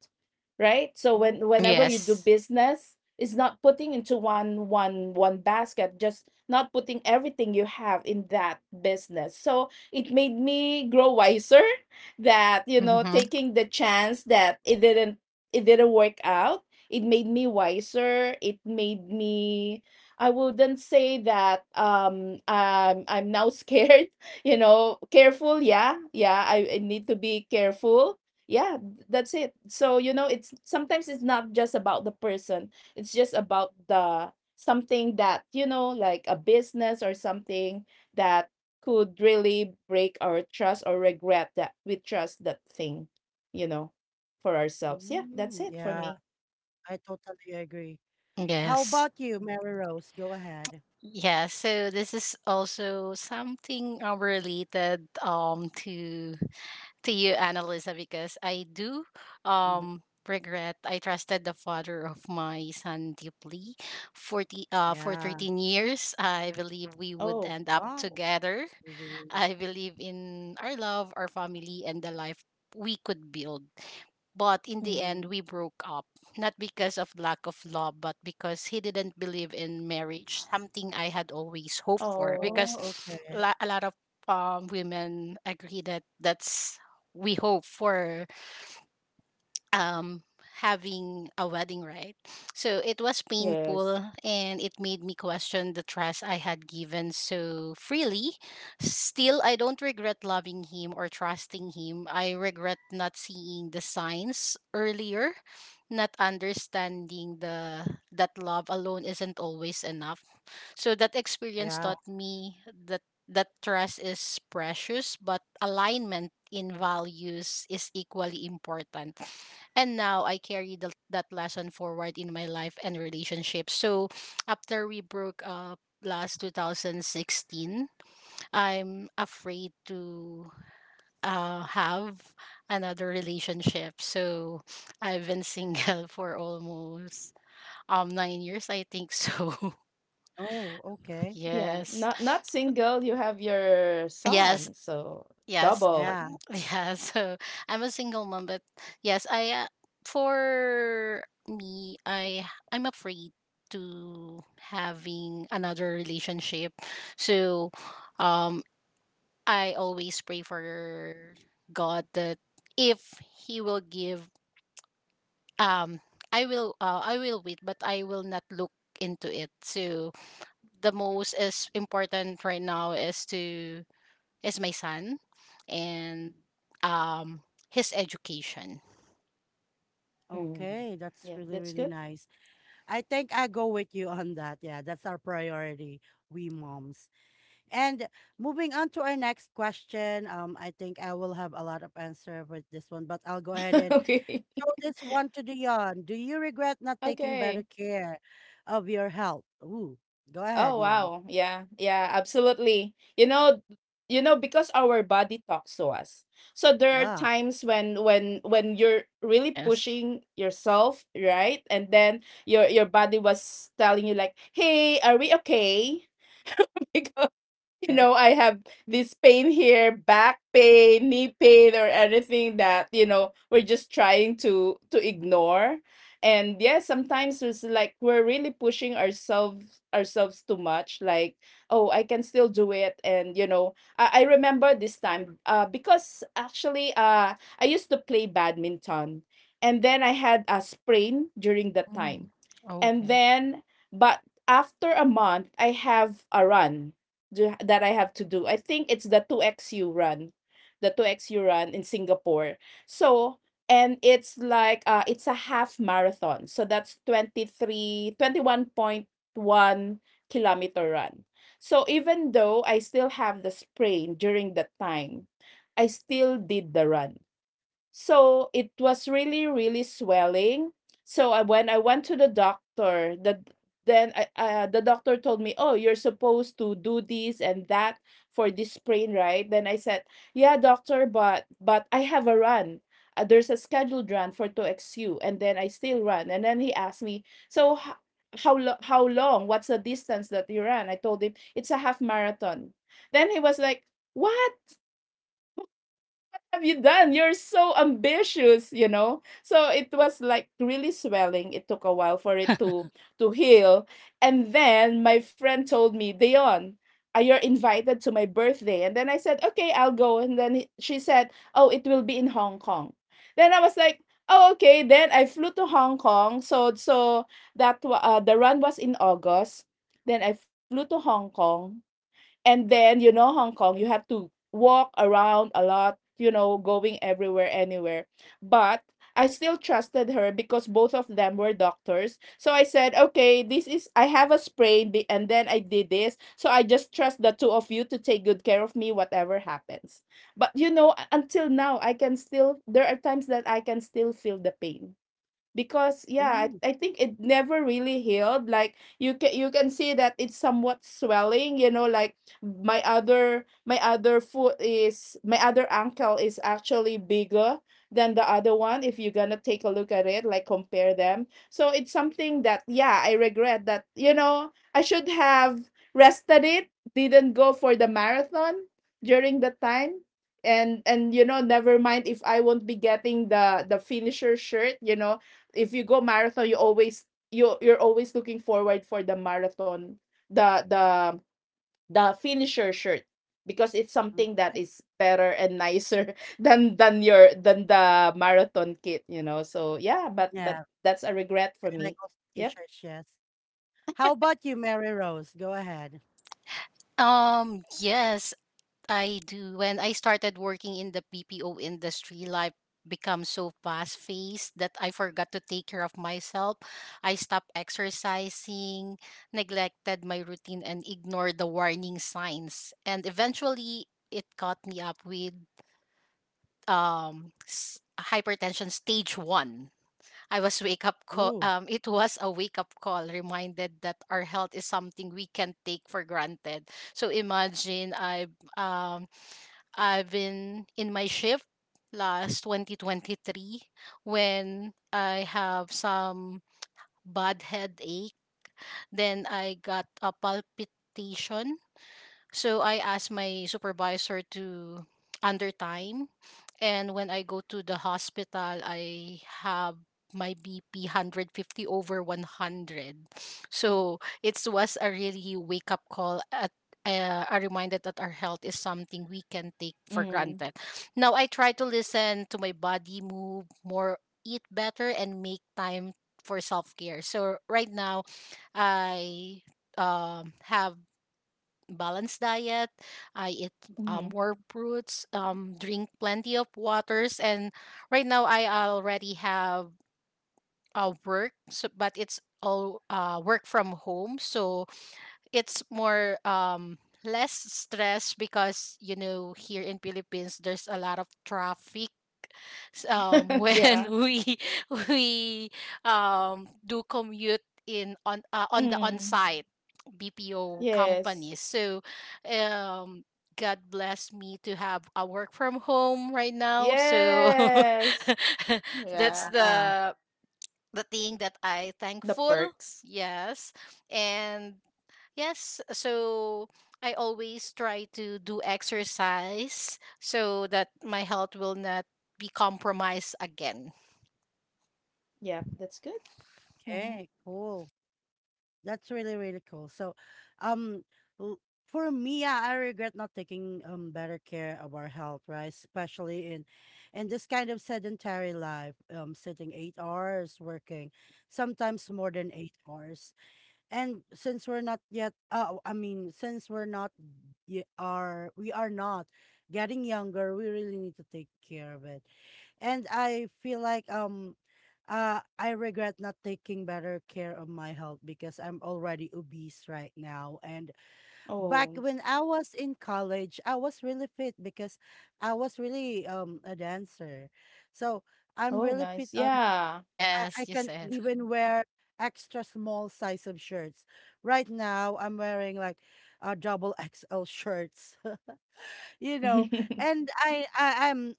Speaker 2: right? So when, whenever
Speaker 1: Okay.
Speaker 2: you do
Speaker 3: Yes.
Speaker 2: business, it's not putting into one one basket, just not putting everything you have in that business. So it made me grow wiser that, you know,
Speaker 3: Mm-hmm.
Speaker 2: taking the chance that it didn't work out. It made me wiser. It made me, I wouldn't say that I'm now scared, you know, careful, yeah. Yeah, I need to be careful. Yeah, that's it. So you know, it's sometimes it's not just about the person. It's just about the something that, you know, like a business or something that could really break our trust, or regret that we trust that thing, you know. For ourselves. Yeah,
Speaker 1: Mm,
Speaker 2: that's it for
Speaker 1: yeah,
Speaker 2: me.
Speaker 1: I totally agree. How
Speaker 3: Yes.
Speaker 1: about you, Mary Rose? Go ahead.
Speaker 3: Yeah, so this is also something related to you, Annalisa, because I do
Speaker 1: Mhm.
Speaker 3: um regret. I trusted the father of my son deeply. For
Speaker 1: Yeah.
Speaker 3: 13 years, I believe we would
Speaker 2: Oh.
Speaker 3: end up
Speaker 1: Wow.
Speaker 3: together.
Speaker 1: That's really, really
Speaker 3: I
Speaker 1: good.
Speaker 3: believe in our love, our family, and the life we could build. But in the
Speaker 2: Mm.
Speaker 3: end, we broke up, not because of lack of love, but because he didn't believe in marriage, something I had always hoped for.
Speaker 2: Oh. s-
Speaker 3: Because
Speaker 1: Oh, okay.
Speaker 3: a lot of women agree that that's we hope for, um having a wedding, right? So it was
Speaker 2: Yes.
Speaker 3: painful and it made me question the trust I had given so freely. Still, I don't regret loving him or trusting him. I regret not seeing the signs earlier, not understanding the that love alone isn't always enough. So that experience
Speaker 1: Yeah.
Speaker 3: taught me that trust is precious but alignment in values is equally important, and now I carry that lesson forward in my life and relationships. So after we broke up last 2016, I'm afraid to have another relationship. So I've been single for almost 9 years, I think so.
Speaker 1: Oh, okay.
Speaker 2: Yeah.
Speaker 3: Yes.
Speaker 2: Not not single, you have your
Speaker 3: Yes,
Speaker 2: son, so
Speaker 3: Yes.
Speaker 2: double.
Speaker 1: Yeah.
Speaker 3: Yeah. So I'm a single mom, but yes, I for me, I'm afraid to having another relationship. So um I always pray for God that if he will give, um I will, I will wait, but I will not look into it. So the most is important right now is to is my son and um his education.
Speaker 2: Mm.
Speaker 1: Okay. That's
Speaker 2: Yeah,
Speaker 1: really,
Speaker 2: that's
Speaker 1: really
Speaker 2: good.
Speaker 1: nice. I think I go with you on that. Yeah, that's our priority, we moms. And moving on to our next question, I think I will have a lot of answer with this one, but I'll go ahead and
Speaker 2: Okay.
Speaker 1: show this one to Dion. Do you regret not taking better
Speaker 2: Okay.
Speaker 1: care of your health? Ooh, go ahead,
Speaker 2: Oh
Speaker 1: Dion.
Speaker 2: wow. Yeah. Yeah, absolutely. You know, you know, because our body talks to us. So there are
Speaker 1: Yeah.
Speaker 2: times when you're really
Speaker 3: Yes.
Speaker 2: pushing yourself, right? And then your body was telling you like, "Hey, are we okay?" Because you
Speaker 1: Okay.
Speaker 2: know, I have this pain here, back pain, knee pain, or anything that, you know, we're just trying to ignore. And yeah, sometimes it's like we're really pushing ourselves too much. Like, oh, I can still do it. And you know, I remember this time, because actually I used to play badminton and then I had a sprain during that time.
Speaker 3: Mm. Oh,
Speaker 2: And
Speaker 3: Okay.
Speaker 2: then but after a month I have a run do that I have to do. I think it's the two X xu run. The two X xu run in Singapore. So, and it's like it's a half marathon. So that's twenty twenty three 1.1 kilometer run. So even though I still have the sprain during that time, I still did the run. So it was really, really swelling. So I, when I went to the doctor, then I, the doctor told me, "Oh, you're supposed to do this and that for this sprain, right?" Then I said, "Yeah, doctor, but I have a run. There's a scheduled run for 2XU, and then I still run." And then he asked me, "So how long? What's the distance that you ran?" I told him, "It's a half marathon." Then he was like, "What have you done? You're so ambitious, you know." So it was like really swelling. It took a while for it to heal. And then my friend told me, Dion, you're invited to my birthday. And then I said, okay, I'll go. And then she said, oh, it will be in Hong Kong. Then I was like, oh, okay. Then I flew to Hong Kong. So the run was in August. Then I flew to Hong Kong. And then, you know, Hong Kong, you have to walk around a lot, you know, going everywhere, anywhere. But I still trusted her because both of them were doctors. So I said, okay, this is, I have a sprain, and then I did this. So I just trust the two of you to take good care of me, whatever happens. But, you know, until now, I can still, there are times that I can still feel the pain, because yeah,
Speaker 1: Mm,
Speaker 2: I think it never really healed. Like, you can see that it's somewhat swelling, you know, like my other foot is my other ankle is actually bigger than the other one, if you're gonna take a look at it, like, compare them. So it's something that, yeah, I regret that, you know. I should have rested it, didn't go for the marathon during the time. And you know, never mind if I won't be getting the finisher shirt, you know. If you go marathon, you always, you're always looking forward for the marathon, the the the finisher shirt, because it's
Speaker 1: mm,
Speaker 2: something that is better and nicer than your than the marathon kit, you know. So yeah, but
Speaker 1: yeah,
Speaker 2: that's a regret for
Speaker 1: I like
Speaker 2: me.
Speaker 1: also
Speaker 2: Yep.
Speaker 1: t-shirts. Yes. How about you, Mary Rose? Go ahead.
Speaker 3: Yes, I do. When I started working in the PPO industry, life became so fast paced that I forgot to take care of myself. I stopped exercising, neglected my routine, and ignored the warning signs. And eventually, it caught me up with hypertension stage one. I was wake up
Speaker 1: Ooh.
Speaker 3: call. It was a wake up call, reminded that our health is something we can take for granted. So imagine um I've been in my shift last 2023 when I have some bad headache. Then I got a palpitation, so I asked my supervisor to under time. And when I go to the hospital, I have my BP 150 over 100. So it was a really wake up call at a reminder that our health is something we can take for
Speaker 2: Mm.
Speaker 3: granted. Now I try to listen to my body, move more, eat better, and make time for self care. So right now, I have balanced diet. I eat
Speaker 2: Mm-hmm.
Speaker 3: more fruits, drink plenty of waters, and right now I already have a work, so, but it's all work from home. So it's more less stress because you know here in Philippines there's a lot of traffic when
Speaker 2: Yeah.
Speaker 3: we do commute in on the on
Speaker 2: Mm.
Speaker 3: site BPO
Speaker 2: Yes.
Speaker 3: companies. So um God bless me to have a work from home right now, so
Speaker 2: Yes.
Speaker 3: that's
Speaker 2: Yeah.
Speaker 1: Ah,
Speaker 3: the thing that I
Speaker 2: The
Speaker 3: thankful.
Speaker 2: perks.
Speaker 3: Yes. And yes, so I always try to do exercise so that my health will not be compromised again.
Speaker 2: Yeah, that's good.
Speaker 3: Mhm.
Speaker 1: okay. Cool. That's really, really cool. So, um, l- for me, yeah, I regret not taking better care of our health, right? Especially in this kind of sedentary life, sitting 8 hours working, sometimes more than 8 hours. And since we're not yet, I mean, since we're not, are we are not getting younger, we really need to take care of it. And I feel like I regret not taking better care of my health because I'm already obese right now. And back
Speaker 2: Oh.
Speaker 1: when I was in college, I was really fit because I was really a dancer, so I'm
Speaker 2: Oh,
Speaker 1: really
Speaker 2: nice.
Speaker 1: fit on
Speaker 2: Yeah.
Speaker 1: I
Speaker 3: Yes, you
Speaker 1: can
Speaker 3: said.
Speaker 2: You-
Speaker 1: even wear extra small size of shirts. Right now, I'm wearing like a double XL shirts. You know, and I, I I'm.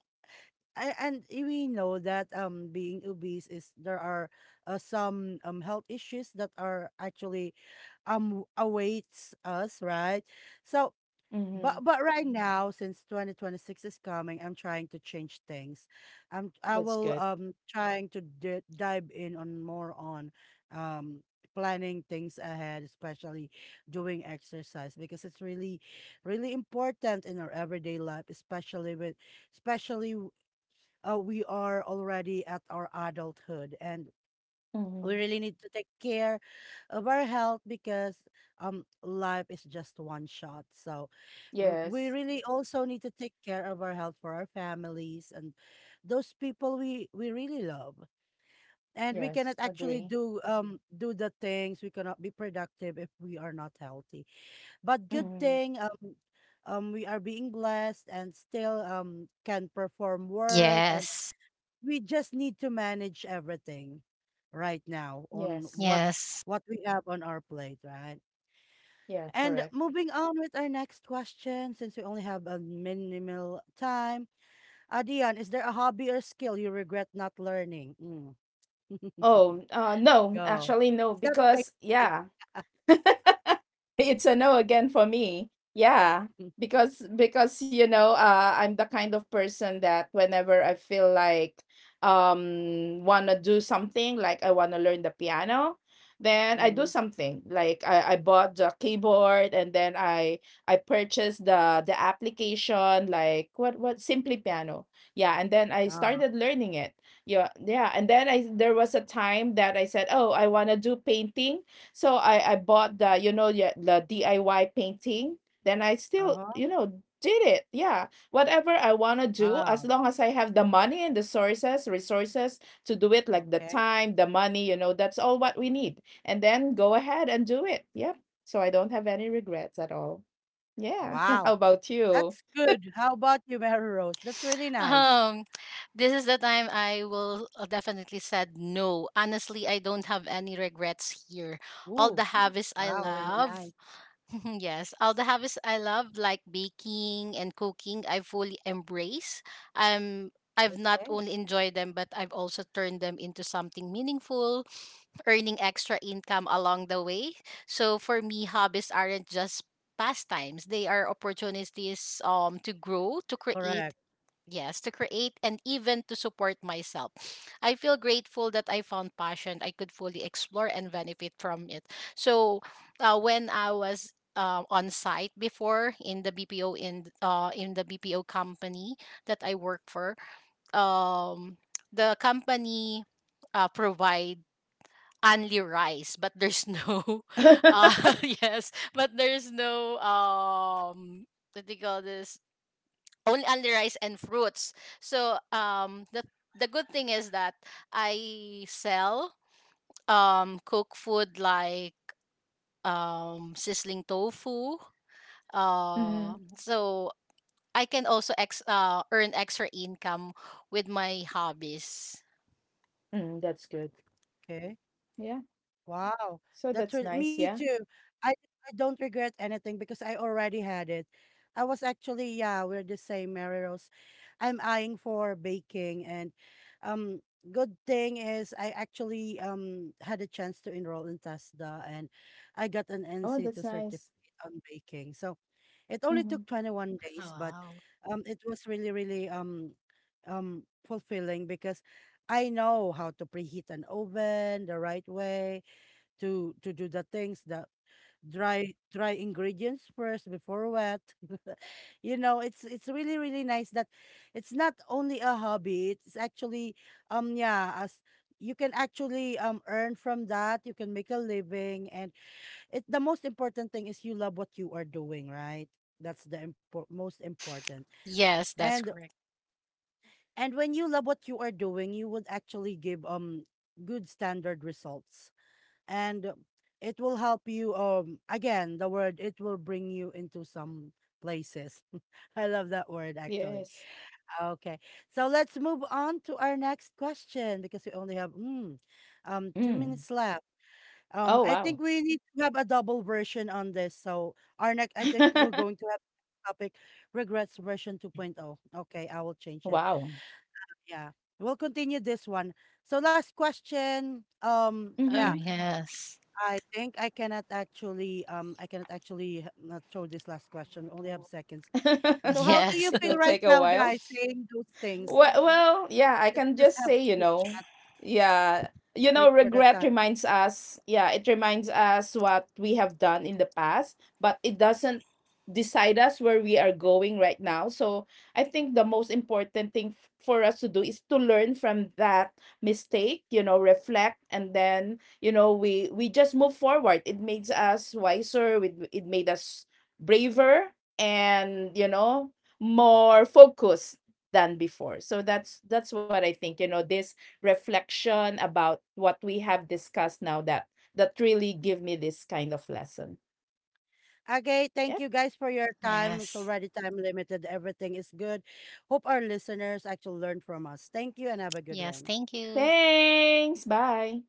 Speaker 1: I, and we know that being obese is there are some health issues that are actually awaits us, right? So but
Speaker 2: Mhm.
Speaker 1: but right now, since 2026 is coming, I'm trying to change things. I
Speaker 2: That's
Speaker 1: will
Speaker 2: good.
Speaker 1: trying to d dive in on more on um planning things ahead, especially doing exercise because it's really really important in our everyday life, especially with especially w- we are already at our adulthood, and we
Speaker 2: Mhm.
Speaker 1: really need to take care of our health because life is just one shot. So we
Speaker 2: Yes.
Speaker 1: really also need to take care of our health for our families and those people we really love. And we cannot
Speaker 2: Yes,
Speaker 1: actually
Speaker 2: agree.
Speaker 1: do do the things. We cannot be productive if we are not healthy. But good
Speaker 2: Mhm.
Speaker 1: thing we are being blessed and still can perform work. And
Speaker 3: Yes.
Speaker 1: we just need to manage everything right now on
Speaker 2: Yes.
Speaker 1: what
Speaker 3: Yes.
Speaker 1: we have on our plate, right?
Speaker 2: Yeah,
Speaker 1: And
Speaker 2: correct.
Speaker 1: moving on with our next question, since we only have a minimal time. Adian, is there a hobby or skill you regret not learning? Mm.
Speaker 2: Oh, no,
Speaker 1: Go.
Speaker 2: actually no
Speaker 1: Is that
Speaker 2: because
Speaker 1: painting?
Speaker 2: yeah, it's a no again for me. Yeah,
Speaker 1: Mhm.
Speaker 2: because you know, I'm the kind of person that whenever I feel like wanna do something, like I wanna learn the piano, then I do
Speaker 1: Mhm.
Speaker 2: something. Like I bought the keyboard and then I purchased the application, like what Simply Piano. Yeah, and then I
Speaker 1: Ah.
Speaker 2: started learning it. Yeah, yeah, and then I there was a time that I said, "Oh, I wanna do painting." So I bought the you know yeah, the DIY painting. Then I still
Speaker 1: Uh-huh.
Speaker 2: did it. Yeah, whatever I wanna do, as
Speaker 1: Wow.
Speaker 2: long as I have the money and the sources resources to do it, like the
Speaker 1: Okay.
Speaker 2: time, the money. You know, that's all what we need. And then go ahead and do it. Yep. So I don't have any regrets at all. Yeah. How
Speaker 1: Wow.
Speaker 2: about you?
Speaker 1: That's good. How about you, Mary Rose? That's really nice.
Speaker 3: Um, this is the time I will definitely said no. Honestly, I don't have any regrets here. All
Speaker 1: Ooh.
Speaker 3: the habits I
Speaker 1: Wow, really nice.
Speaker 3: love. Yes, all the habits I love, like baking and cooking, I fully embrace. Um, I've not
Speaker 1: Okay.
Speaker 3: only enjoyed them, but I've also turned them into something meaningful, earning extra income along the way. So for me, hobbies aren't just pastimes; they are opportunities to grow, to
Speaker 1: Correct.
Speaker 3: create. Yes, to create and even to support myself. I feel grateful that I found passion I could fully explore and benefit from it. So, when I was on site before in the BPO in the BPO company that I work for, um, the company provide only rice, but there's no, uh, yes, but there's no, what do you call this? Only rice and fruits. So the good thing is that I sell cook food like sizzling tofu.
Speaker 2: Mm-hmm.
Speaker 3: So I can also ex earn extra income with my hobbies.
Speaker 2: Mm, that's good.
Speaker 1: Okay.
Speaker 2: Yeah.
Speaker 1: Wow,
Speaker 2: So
Speaker 1: that's
Speaker 2: that's
Speaker 1: real
Speaker 2: nice.
Speaker 1: me
Speaker 2: Yeah.
Speaker 1: too. I don't regret anything because I already had it. I was actually, yeah, we're the same, Mary Rose. I'm eyeing for baking, and um good thing is I actually had a chance to enroll in TASDA, and I got an
Speaker 2: Oh,
Speaker 1: nc
Speaker 2: that's
Speaker 1: to certificate
Speaker 2: nice.
Speaker 1: on baking. So it only
Speaker 2: Mm-hmm.
Speaker 1: took 21
Speaker 3: Oh,
Speaker 1: days, but
Speaker 3: wow.
Speaker 1: it was really really fulfilling because I know how to preheat an oven the right way to do the things, that dry ingredients first before wet. It's really really nice that it's not only a hobby, it's actually yeah, as you can actually earn from that, you can make a living. And it, the most important thing is you love what you are doing, right? That's the most important.
Speaker 3: Yes, that's
Speaker 1: and
Speaker 3: correct.
Speaker 1: and when you love what you are doing, you would actually give good standard results. And it will help you, again the word, it will bring you into some places. I love that word, actually.
Speaker 2: Yes.
Speaker 1: Okay, so let's move on to our next question because we only have two
Speaker 2: Mm.
Speaker 1: minutes left.
Speaker 2: Oh,
Speaker 1: I
Speaker 2: wow.
Speaker 1: think we need to have a double version on this, so our next, I think we're going to have topic regrets version 2.0. Okay, I will change it.
Speaker 2: Wow.
Speaker 1: Yeah, we'll continue this one. So last question,
Speaker 3: Oh
Speaker 1: yeah,
Speaker 2: Mhm.
Speaker 3: yes.
Speaker 1: I think I cannot actually, I cannot actually, not throw this last question. We only have seconds. So how do you
Speaker 3: Yes.
Speaker 2: It
Speaker 1: feel
Speaker 2: will
Speaker 1: right
Speaker 2: take a
Speaker 1: now,
Speaker 2: while.
Speaker 1: guys, saying those things?
Speaker 2: Well, yeah, I
Speaker 1: Let's
Speaker 2: can
Speaker 1: just
Speaker 2: just
Speaker 1: have
Speaker 2: say,
Speaker 1: a
Speaker 2: you
Speaker 1: chit
Speaker 2: know,
Speaker 1: chat.
Speaker 2: yeah,
Speaker 1: Wait for the
Speaker 2: regret
Speaker 1: time.
Speaker 2: reminds us, yeah, it reminds us what we have done in the past, but it doesn't decide us where we are going right now. So I think the most important thing for us to do is to learn from that mistake, reflect, and then, we just move forward. It makes us wiser. It made us braver and, more focused than before. So that's what I think, this reflection about what we have discussed now that really give me this kind of lesson.
Speaker 1: Okay, thank
Speaker 2: Yeah.
Speaker 1: you guys for your time. It's
Speaker 3: Yes.
Speaker 1: already time limited. Everything is good. Hope our listeners actually learn from us. Thank you and have a good
Speaker 3: Yes,
Speaker 1: one.
Speaker 3: thank you.
Speaker 2: Thanks. Bye.